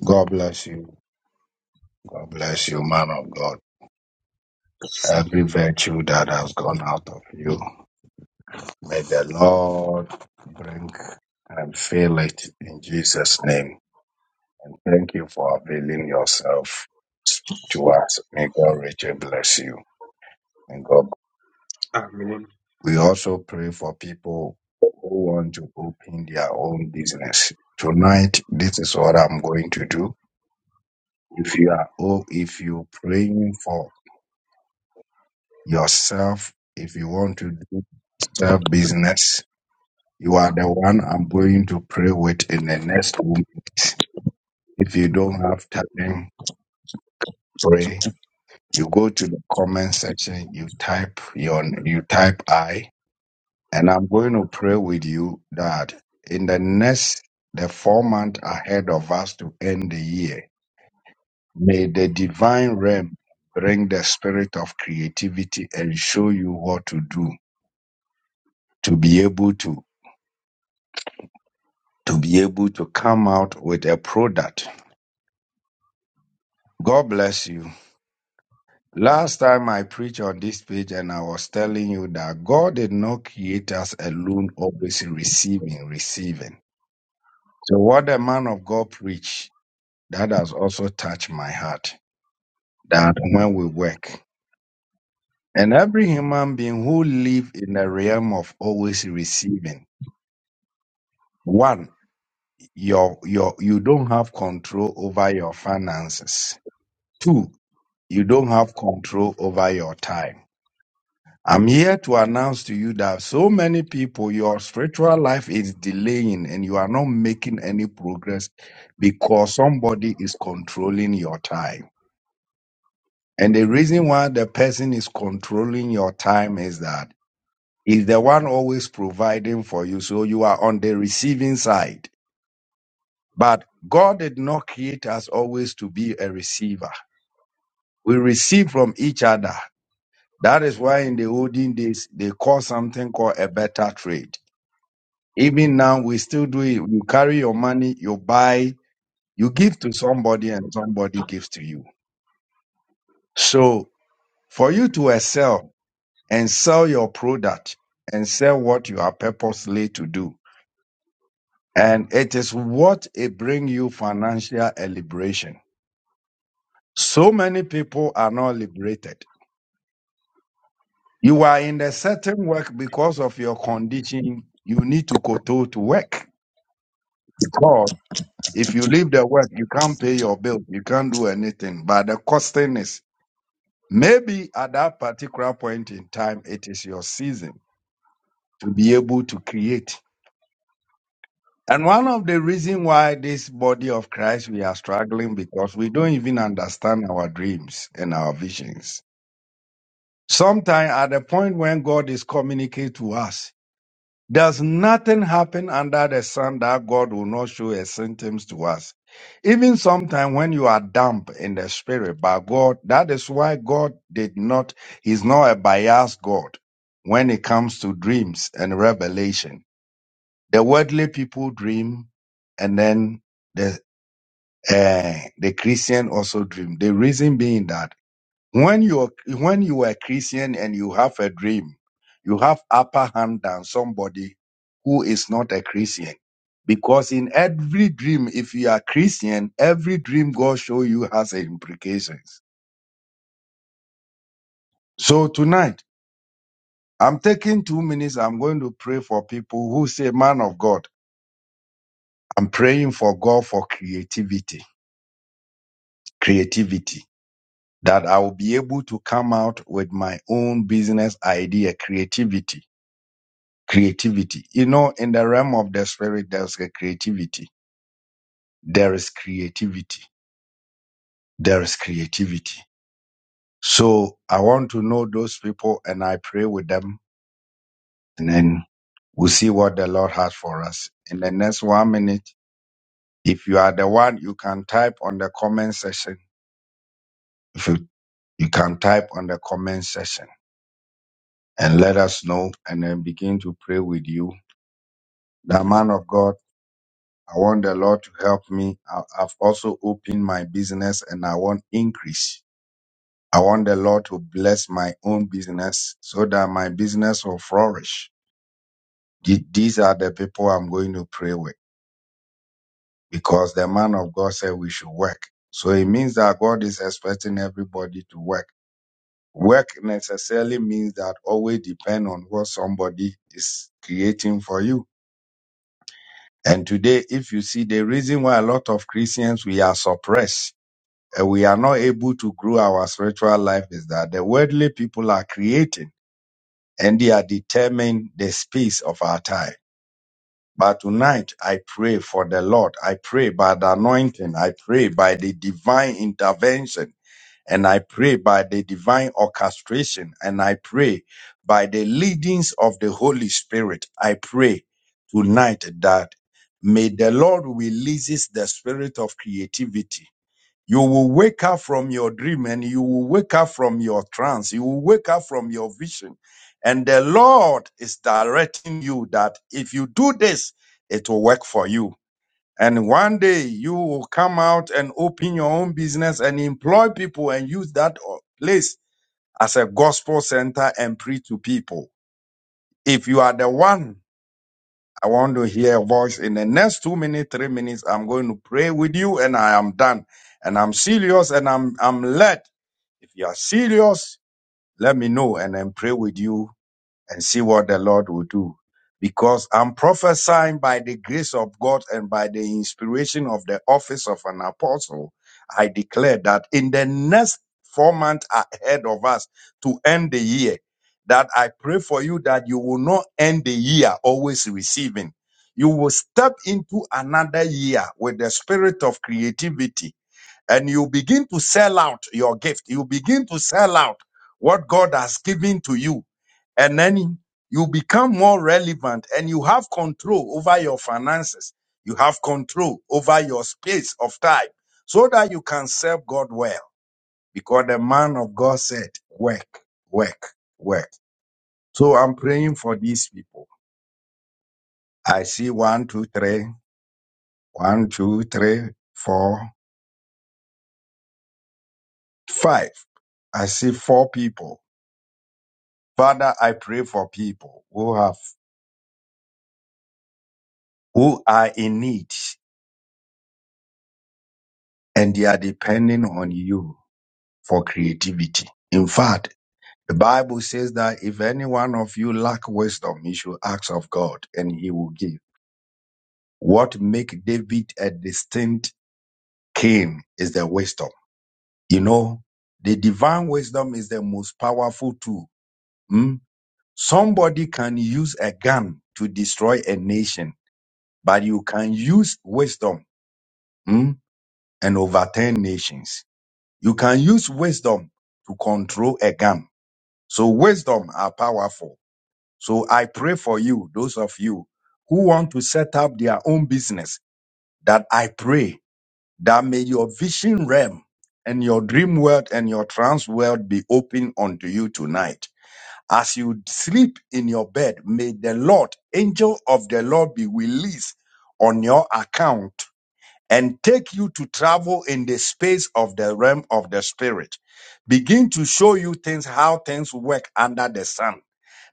God bless you. God bless you, man of God. Every virtue that has gone out of you. May the Lord bring and fill it in Jesus' name. And thank you for availing yourself to us. May God richly bless you. And God.
Amen.
We also pray for people who want to open their own business. Tonight, this is what I'm going to do. If you are, oh, if you're praying for yourself, if you want to do self business, you are the one I'm going to pray with in the next room If you don't have time, pray. You go to the comment section, you type your you type I, and I'm going to pray with you that in the next the four months ahead of us to end the year, may the divine realm bring the spirit of creativity and show you what to do to be able to to be able to come out with a product. God bless you Last time I preached on this page and I was telling you that God did not create us alone, always receiving, receiving. So what the man of God preached, that has also touched my heart. That when we work, and every human being who live in the realm of always receiving, one, your your you don't have control over your finances. Two, you don't have control over your time I'm here to announce to you that so many people, your spiritual life is delaying and you are not making any progress because somebody is controlling your time. And the reason why the person is controlling your time is that he's the one always providing for you. So you are on the receiving side. But God did not create us always to be a receiver. We receive from each other. That is why in the olden days, they call something called a better trade. Even now, we still do it. You carry your money, you buy, you give to somebody, and somebody gives to you. So, for you to excel and sell your product and sell what you are purposely to do, and it is what it brings you financial liberation. So many people are not liberated. You are in a certain work because of your condition. You need to go to to work because. If you leave the work, you can't pay your bills. you can't do anything. But the costing is maybe at that particular point in time, it is your season to be able to create. And one of the reasons why this body of Christ we are struggling because we don't even understand our dreams and our visions. Sometimes at the point when God is communicating to us, Does nothing happen under the sun that God will not show a sentence to us? Even sometimes when you are damp in the spirit, but God, that is why God did not, He's not a biased God when it comes to dreams and revelation. The worldly people dream and then the, uh, the Christian also dream. The reason being that when you're when you are a Christian and you have a dream, you have upper hand than somebody who is not a Christian. Because in every dream, if you are Christian, every dream God show you has implications. So tonight, I'm taking two minutes. I'm going to pray for people who say, man of God, I'm praying for God for creativity, creativity, that I will be able to come out with my own business idea, creativity creativity. You know, in the realm of the spirit, there's a creativity. There is creativity. There is creativity. So I want to know those people and I pray with them and then we'll see what the Lord has for us. In the next one minute, if you are the one, you can type on the comment section. If you, you can type on the comment section and let us know and then begin to pray with you. The man of God. I want the Lord to help me. I- I've also opened my business and I want increase. I want the Lord to bless my own business so that my business will flourish. The- These are the people I'm going to pray with because the man of God said we should work. So it means that God is expecting everybody to work. Work necessarily means that always depend on what somebody is creating for you. And today, if you see the reason why a lot of Christians we are suppressed and we are not able to grow our spiritual life is that the worldly people are creating and they are determining the space of our time. But tonight, I pray for the Lord. I pray by the anointing. I pray by the divine intervention. And I pray by the divine orchestration. And I pray by the leadings of the Holy Spirit. I pray tonight that may the Lord releases the spirit of creativity you will wake up from your dream and you will wake up from your trance. You will wake up from your vision. And the Lord is directing you that if you do this, it will work for you. And one day you will come out and open your own business and employ people and use that o- place as a gospel center and preach to people. If you are the one I want to hear a voice in the next two minutes, three minutes. I'm going to pray with you and I am done. And I'm serious and I'm, I'm led. If you are serious, let me know and then pray with you and see what the Lord will do. Because I'm prophesying by the grace of God and by the inspiration of the office of an apostle, I declare that in the next four months ahead of us to end the year, that I pray for you that you will not end the year always receiving. You will step into another year with the spirit of creativity, and you begin to sell out your gift. You begin to sell out what God has given to you. And then you become more relevant and you have control over your finances. You have control over your space of time so that you can serve God well. Because the man of God said, work, work, work. So I'm praying for these people. I see one, two, three, one, two, three, four, five. I see four people. Father, I pray for people who have who are in need and they are depending on you for creativity. In fact, the Bible says that if any one of you lack wisdom, he should ask of God and he will give. What make David a distinct king is the wisdom. You know, the divine wisdom is the most powerful tool. hmm? Somebody can use a gun to destroy a nation, but you can use wisdom Hmm? and overturn nations. You can use wisdom to control a gun. So wisdom are powerful. So I pray for you, those of you who want to set up their own business, that I pray that may your vision realm and your dream world and your trance world be open unto you tonight. As you sleep in your bed, may the Lord, angel of the Lord be released on your account and take you to travel in the space of the realm of the spirit. Begin to show you things, how things work under the sun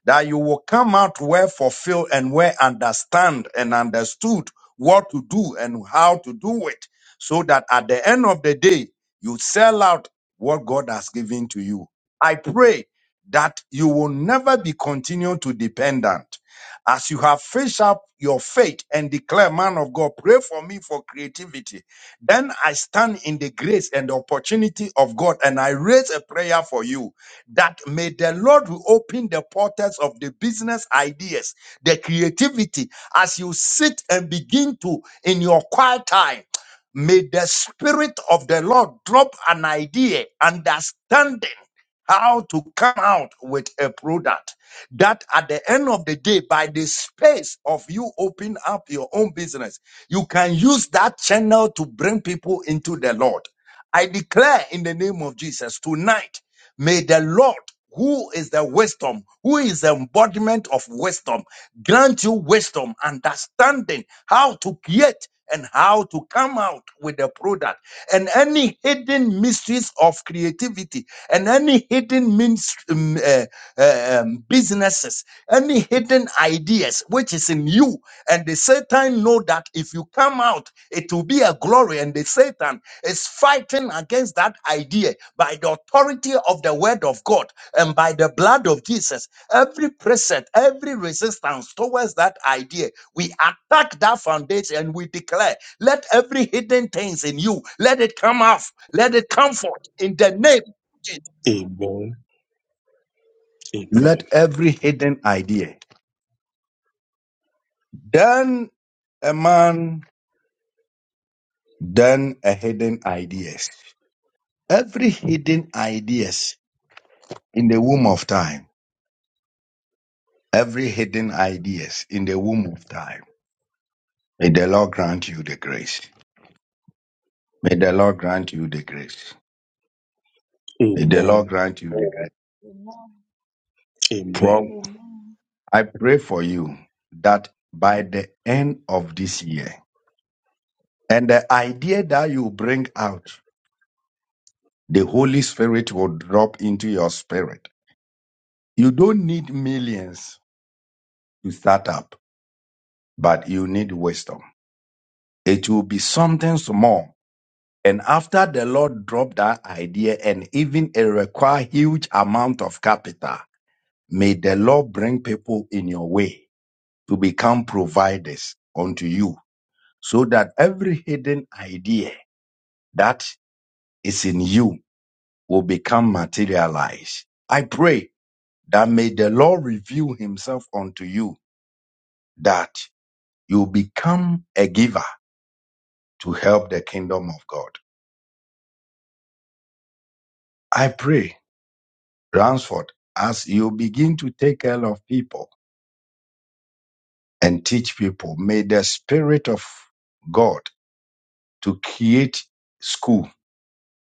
that you will come out well fulfilled and well understand and understood what to do and how to do it, so that at the end of the day, you sell out what God has given to you. I pray that you will never be continued to dependent. As you have fished up your faith and declare, man of God, pray for me for creativity. Then I stand in the grace and the opportunity of God and I raise a prayer for you that may the Lord will open the portals of the business ideas, the creativity, as you sit and begin to in your quiet time. May the Spirit of the Lord drop an idea, understanding how to come out with a product that at the end of the day, by the space of you open up your own business, you can use that channel to bring people into the Lord. I declare in the name of Jesus tonight May the Lord, who is the wisdom, who is the embodiment of wisdom, grant you wisdom, understanding how to create and how to come out with the product and any hidden mysteries of creativity and any hidden means, um, uh, uh, um, businesses, any hidden ideas which is in you. And the Satan know that if you come out, it will be a glory. And the Satan is fighting against that idea by the authority of the word of God and by the blood of Jesus. Every precept, every resistance towards that idea, we attack that foundation and we declare, let every hidden things in you, let it come off, let it come forth in the name of Jesus.
Amen.
Let
Amen.
every hidden idea. Then a man, then a hidden ideas. Every hidden ideas in the womb of time every hidden ideas in the womb of time. May the Lord grant you the grace. May the Lord grant you the grace. May the Lord
Amen.
grant you the grace.
Amen.
From
Amen.
Amen.
I pray for you that by the end of this year, and the idea that you bring out, the Holy Spirit will drop into your spirit. You don't need millions to start up, but you need wisdom. It will be something small And after the Lord dropped that idea and even it require huge amount of capital, may the Lord bring people in your way to become providers unto you so that every hidden idea that is in you will become materialized. I pray that may the Lord reveal himself unto you that you become a giver to help the kingdom of God. I pray, Ransford, as you begin to take care of people, and teach people. May the Spirit of God to create school,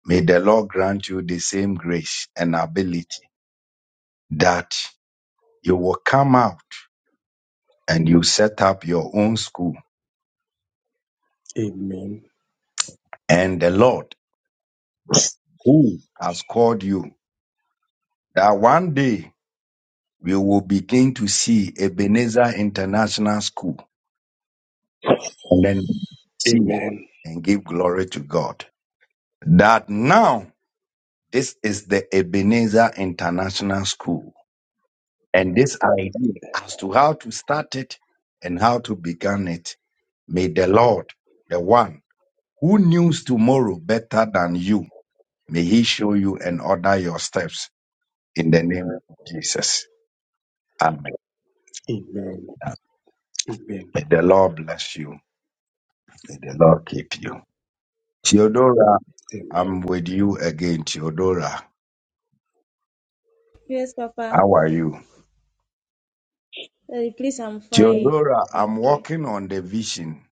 may the Lord grant you the same grace and ability that you will come out and you set up your own school.
Amen.
And the Lord who has called you, that one day we will begin to see Ebenezer International School and then see
Amen.
and give glory to God. That now this is the Ebenezer International School And this idea as to how to start it and how to begin it, may the Lord, the one who knows tomorrow better than you, may he show you and order your steps in the name of Jesus. Amen.
Amen. Amen.
May the Lord bless you. May the Lord keep you. Theodora,
Amen.
I'm with you again. Theodora,
Yes, Papa.
how are you?
Daddy, please, I'm fine.
Theodora,
Thank
I'm
you.
working on the vision.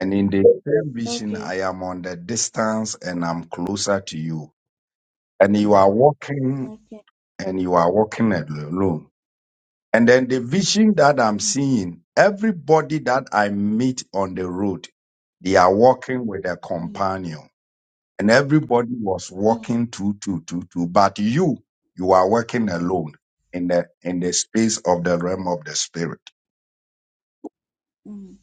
And in the same vision,
Okay,
I am on the distance and I'm closer to you. and you are walking
okay.
and you are walking alone. And then the vision that I'm
Mm,
seeing, everybody that I meet on the road, they are walking with a
mm,
companion. And everybody was walking two, two, two, two. But you, you are walking alone in the in the space of the realm of the spirit.
mm, mm,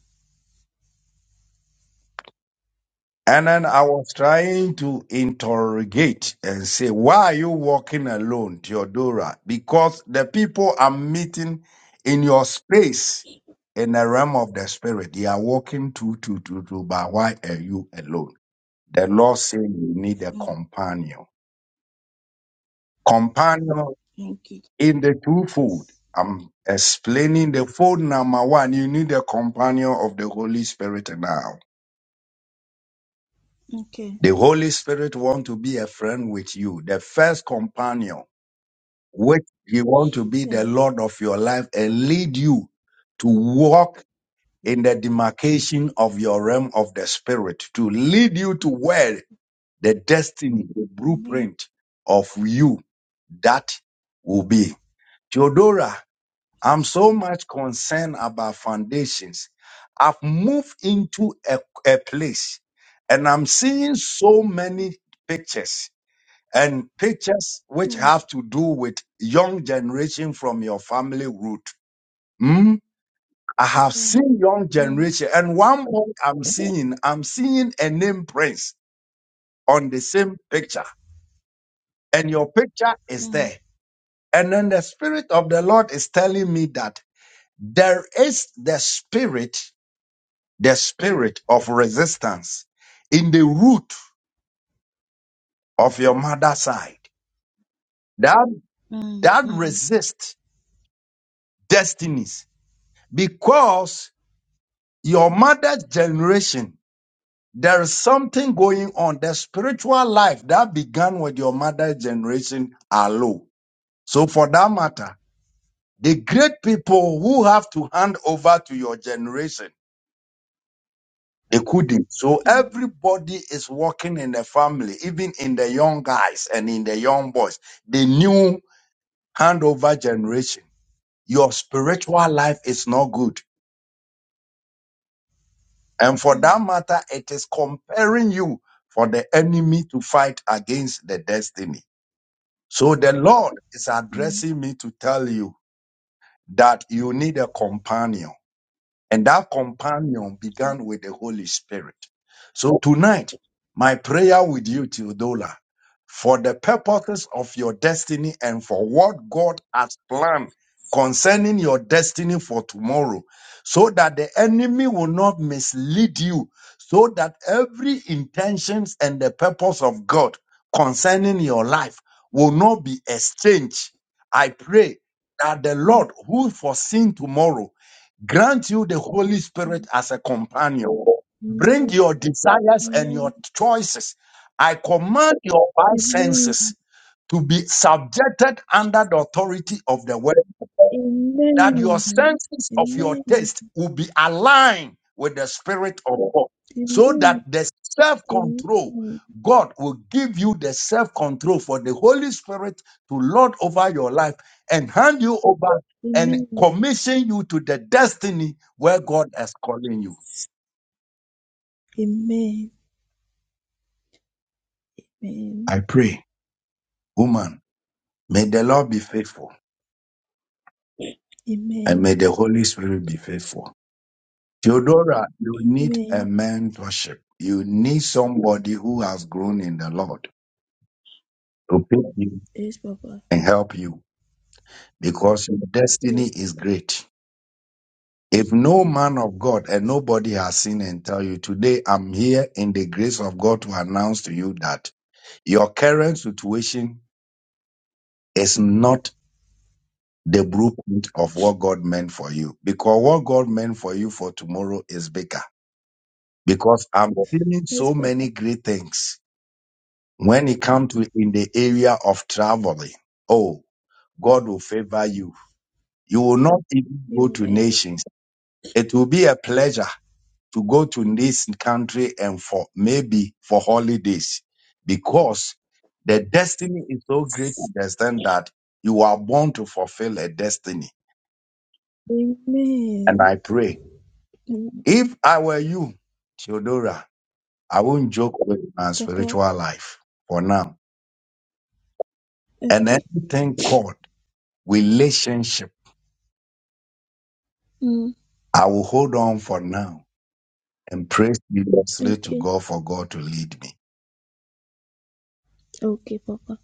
And then I was trying to interrogate and say, why are you walking alone, Theodora? Because the people I'm meeting in your space in the realm of the spirit, they are walking two, two, two, two, but why are you alone? The Lord said you need a
mm.
companion. Companion
Thank you.
in the twofold. I'm explaining the fold number one. You need a companion of the Holy Spirit now.
Okay,
The Holy Spirit want to be a friend with you, the first companion, which he want to be the
yeah,
Lord of your life and lead you to walk
yeah.
in the demarcation of your realm of the Spirit, to lead you to where the destiny, the
Amen.
blueprint of you that will be. Theodora, I'm so much concerned about foundations. I've moved into a, a place and I'm seeing so
Mm,
many pictures and pictures which
mm,
have to do with young generation from your family root. Hmm? I have seen young
mm,
generation, and one more I'm
mm,
seeing, I'm seeing a name prince on the same picture, and your picture is
mm,
there. And then the spirit of the Lord is telling me that there is the spirit, the spirit of resistance in the root of your mother's side that
mm,
that resists destinies because Your mother's generation, there is something going on. The spiritual life that began with your mother's generation are low. So for that matter, the great people who have to hand over to your generation, they couldn't. So
mm, mm,
everybody is working in the family, even in the young guys and in the young boys. The new handover generation, your spiritual life is not good. And for
mm,
that matter, it is comparing you for the enemy to fight against the destiny. So the Lord is
mm.
addressing me to tell you that you need a companion. And that companion
Yeah,
began with the Holy Spirit. So tonight, my prayer with you, Theodola, for the purposes of your destiny and for what God has planned concerning your destiny for tomorrow, so that the enemy will not mislead you, so that every intentions and the purpose of God concerning your life will not be exchanged. I pray that the
mm,
Lord who foreseen tomorrow Grant you the Holy Spirit
mm.
as a companion. Bring
Amen.
your desires and your choices. I command your five
Amen.
senses
Amen.
to be subjected under the authority of the word that your
Amen.
senses of your
Amen.
taste will be aligned with the Spirit of God so that the self
Amen. Amen.
control, God will give you the self control for the Holy Spirit to lord over your life and hand you over and commission you to the destiny where God is calling you.
Amen. Amen.
I pray, woman, may the Lord be faithful and
Amen. Amen.
may the Holy Spirit be faithful. Theodora, you need
Amen.
a mentorship. You need somebody who has grown in the Lord to pick you
Yes, Papa.
and help you because your destiny
Yes,
is
Papa.
great. If no man of God and nobody has seen and tell you today, I'm here in the grace of God to announce to you that your current situation is not the blueprint of what God meant for you because what God meant for you for tomorrow is bigger. Because I'm feeling
Yes,
so
Papa.
many great things when it comes to in the area of traveling. Oh, God will favor you. You will not even go to
Amen.
nations It will be a pleasure to go to this country and for maybe for holidays because the destiny is so great to the extent that you are born to fulfill a destiny. And
Amen.
I pray
Mm,
if I were you, Theodora, I won't joke with my
Papa.
spiritual life for now. And
Okay.
anything called relationship,
Mm.
I will hold on for now and pray seriously to
Okay.
God for God to lead me.
Okay, Papa.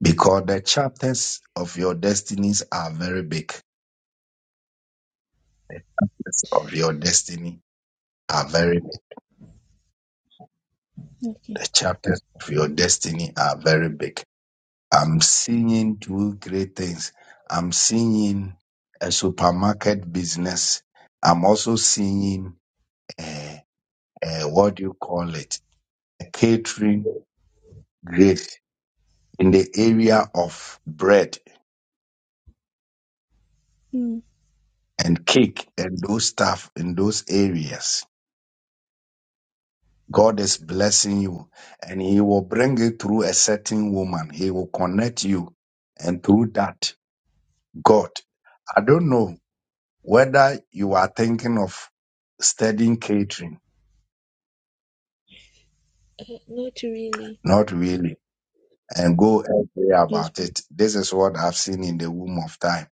Because the chapters of your destinies are very big. Chapters Of your destiny are very big.
Okay.
The chapters of your destiny are very big. I'm seeing two great things. I'm seeing a supermarket business. I'm also seeing uh, uh, what do you call it? A catering great in the area of bread
Mm.
and cake and those stuff in those areas. God is blessing you and He will bring you through a certain woman. He will connect you. And through that, God, I don't know whether you are thinking of studying catering,
Uh, not really.
not really, and go and pray
Yes,
about
Papa.
it. This is what I've seen in the womb of time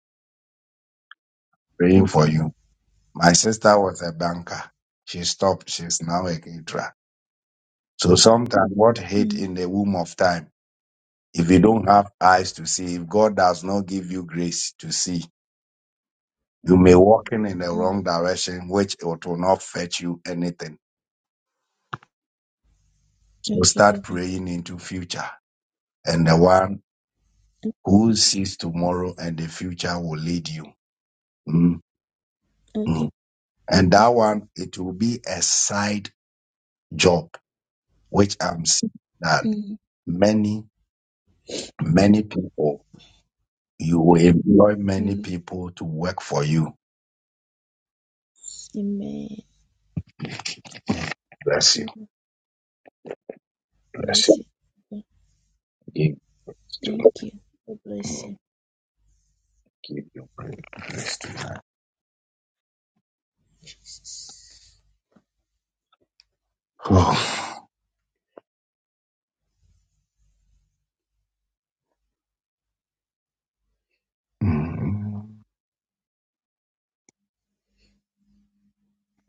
praying for
Okay.
you. My sister was a banker. She stopped. She's now a caterer. So sometimes what hate
Mm.
in the womb of time, if you don't have eyes to see, if God does not give you grace to see, You may walk in in the
Mm.
wrong direction, which it will not fetch you anything. So
Okay,
start
Papa.
praying into future. And the one
Mm,
who sees tomorrow and the future will lead you. Mm, mm.
Okay.
And
Okay.
that one, it will be a side job, which I'm seeing that
Mm.
many, many people, you will employ many
Mm.
people to work for you.
Amen.
Bless you.
Amen.
Bless
Bless
you.
you. Papa.
Give
Thank
to
you. God bless you.
give you praise tonight. Oh. Mm.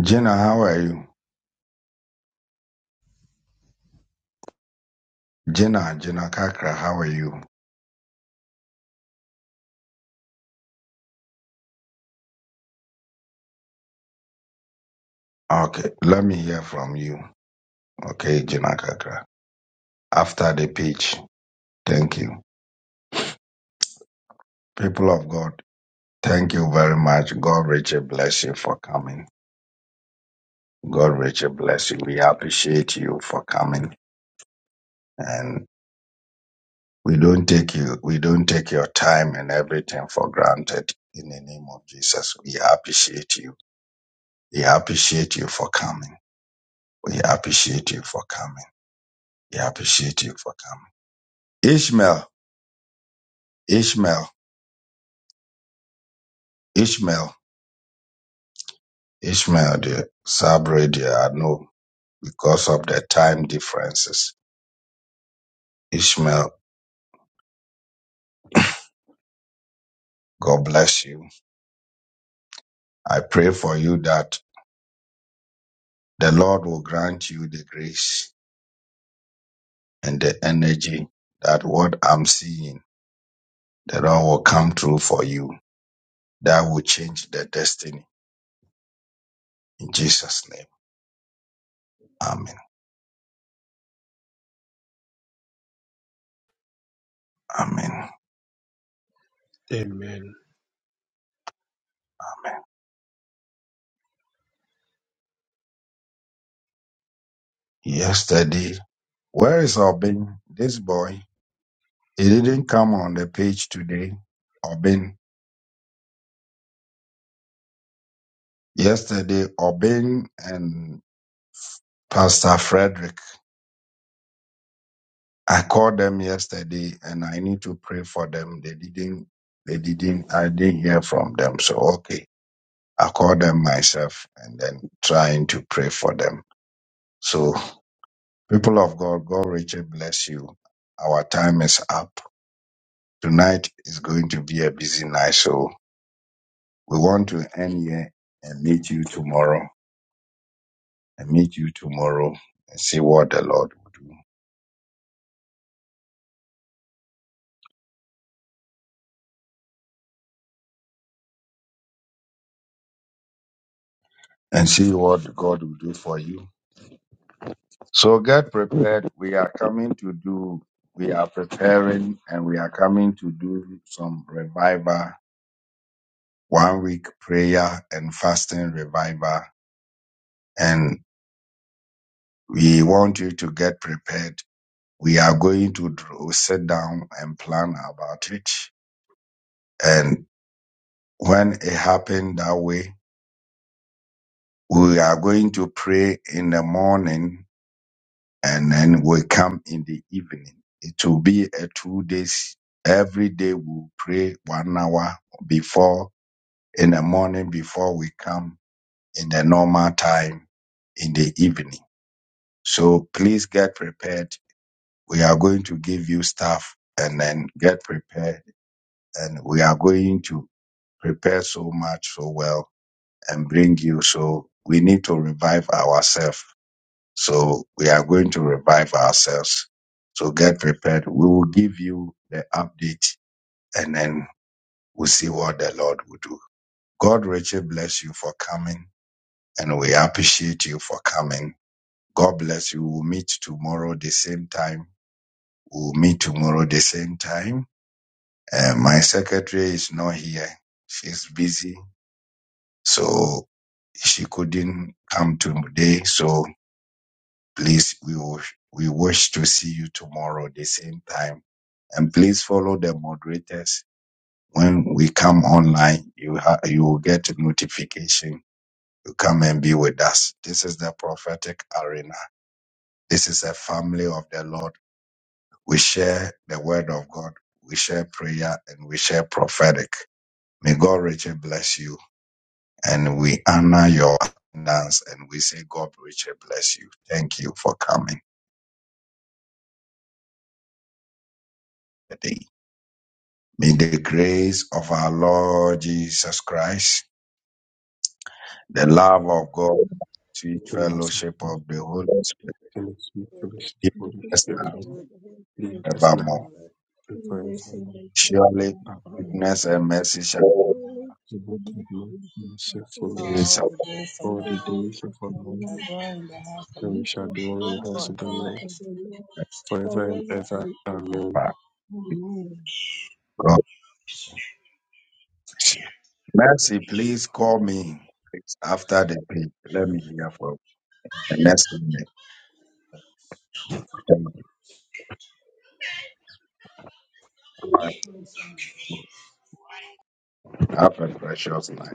Gina, how are you? Gina, Gina Kakra, how are you? Okay, let me hear from you. Okay, Gina Kakra. After the pitch, thank you. People of God, thank you very much. God richly bless you for coming. God richly bless you. We appreciate you for coming. And we don't take you, we don't take your time and everything for granted. In the name of Jesus, we appreciate you. We appreciate you for coming. We appreciate you for coming. We appreciate you for coming. Ishmael. Ishmael, Ishmael, Ishmael, the Sabri, dear, I know because of the time differences. Ishmael, God bless you. I pray for you that the Lord will grant you the grace and the energy that what I'm seeing, the Lord will come through for you. That will change the destiny. In Jesus' name. Amen. Amen.
Amen.
Yesterday, where is Obin? This boy, he didn't come on the page today. Obin, Yesterday, Obin and Pastor Frederick, I called them yesterday and I need to pray for them. They didn't, they didn't, I didn't hear from them. So, okay, I called them myself and then trying to pray for them. So, people of God, God Richard bless you. Our time is up. Tonight is going to be a busy night. So, we want to end here and meet you tomorrow and meet you tomorrow and see what the Lord will do. and see what God will do for you. So get prepared. We are coming to do, we are preparing and we are coming to do some revival, one week prayer and fasting revival. And we want you to get prepared. We are going to dr- sit down and plan about it. And when it happened that way, we are going to pray in the morning and then we come in the evening. It will be a two days. Every day we'll pray one hour before in the morning before we come in the normal time in the evening. So please get prepared. We are going to give you stuff and then get prepared. And we are going to prepare so much so well and bring you. So we need to revive ourselves So we are going to revive ourselves. So get prepared. We will give you the update and then we'll see what the Lord will do. God richly bless you for coming and we appreciate you for coming. God bless you. We'll meet tomorrow the same time. We'll meet tomorrow the same time. Uh, my secretary is not here. She's busy. So she couldn't come today. So Please, we, wish- we wish to see you tomorrow the same time. And please follow the moderators. When we come online, you, ha- you will get a notification to come and be with us. This is the prophetic arena. This is a family of the Lord. We share the word of God. We share prayer and we share prophetic. May God richly bless you. And we honor your attendance and we say God richly bless you. Thank you for coming today. May the grace of our Lord Jesus Christ, the love of God, sweet
The last
fellowship
one.
of the Holy Spirit,
and it's my
be
the Holy
with
Different
us
country
Spirit.
now
for the whole thing.
Lead us now
evermore.
and
This is
forevermore.
like, you
Surely
know,
Amen.
um,
goodness and mercy shall be
really,
The
we
Lord
have
will
to
bless
use this
and
as
shall follow
the
well.
us
days
all
of
the days of
And
all
our
they
the
gave
days
lives,
the
of our life
family,
adore in the house of
and we
we
shall
the
shall
dwell in the
dwell
house
Lord
the
of the
forever
house
Lord
of the Lord
forever and
forever
ever.
and ever.
Amen.
our
Amen.
God. Mercy, please call me after the page. Let me hear from the next minute.
and ever.
Have a precious night.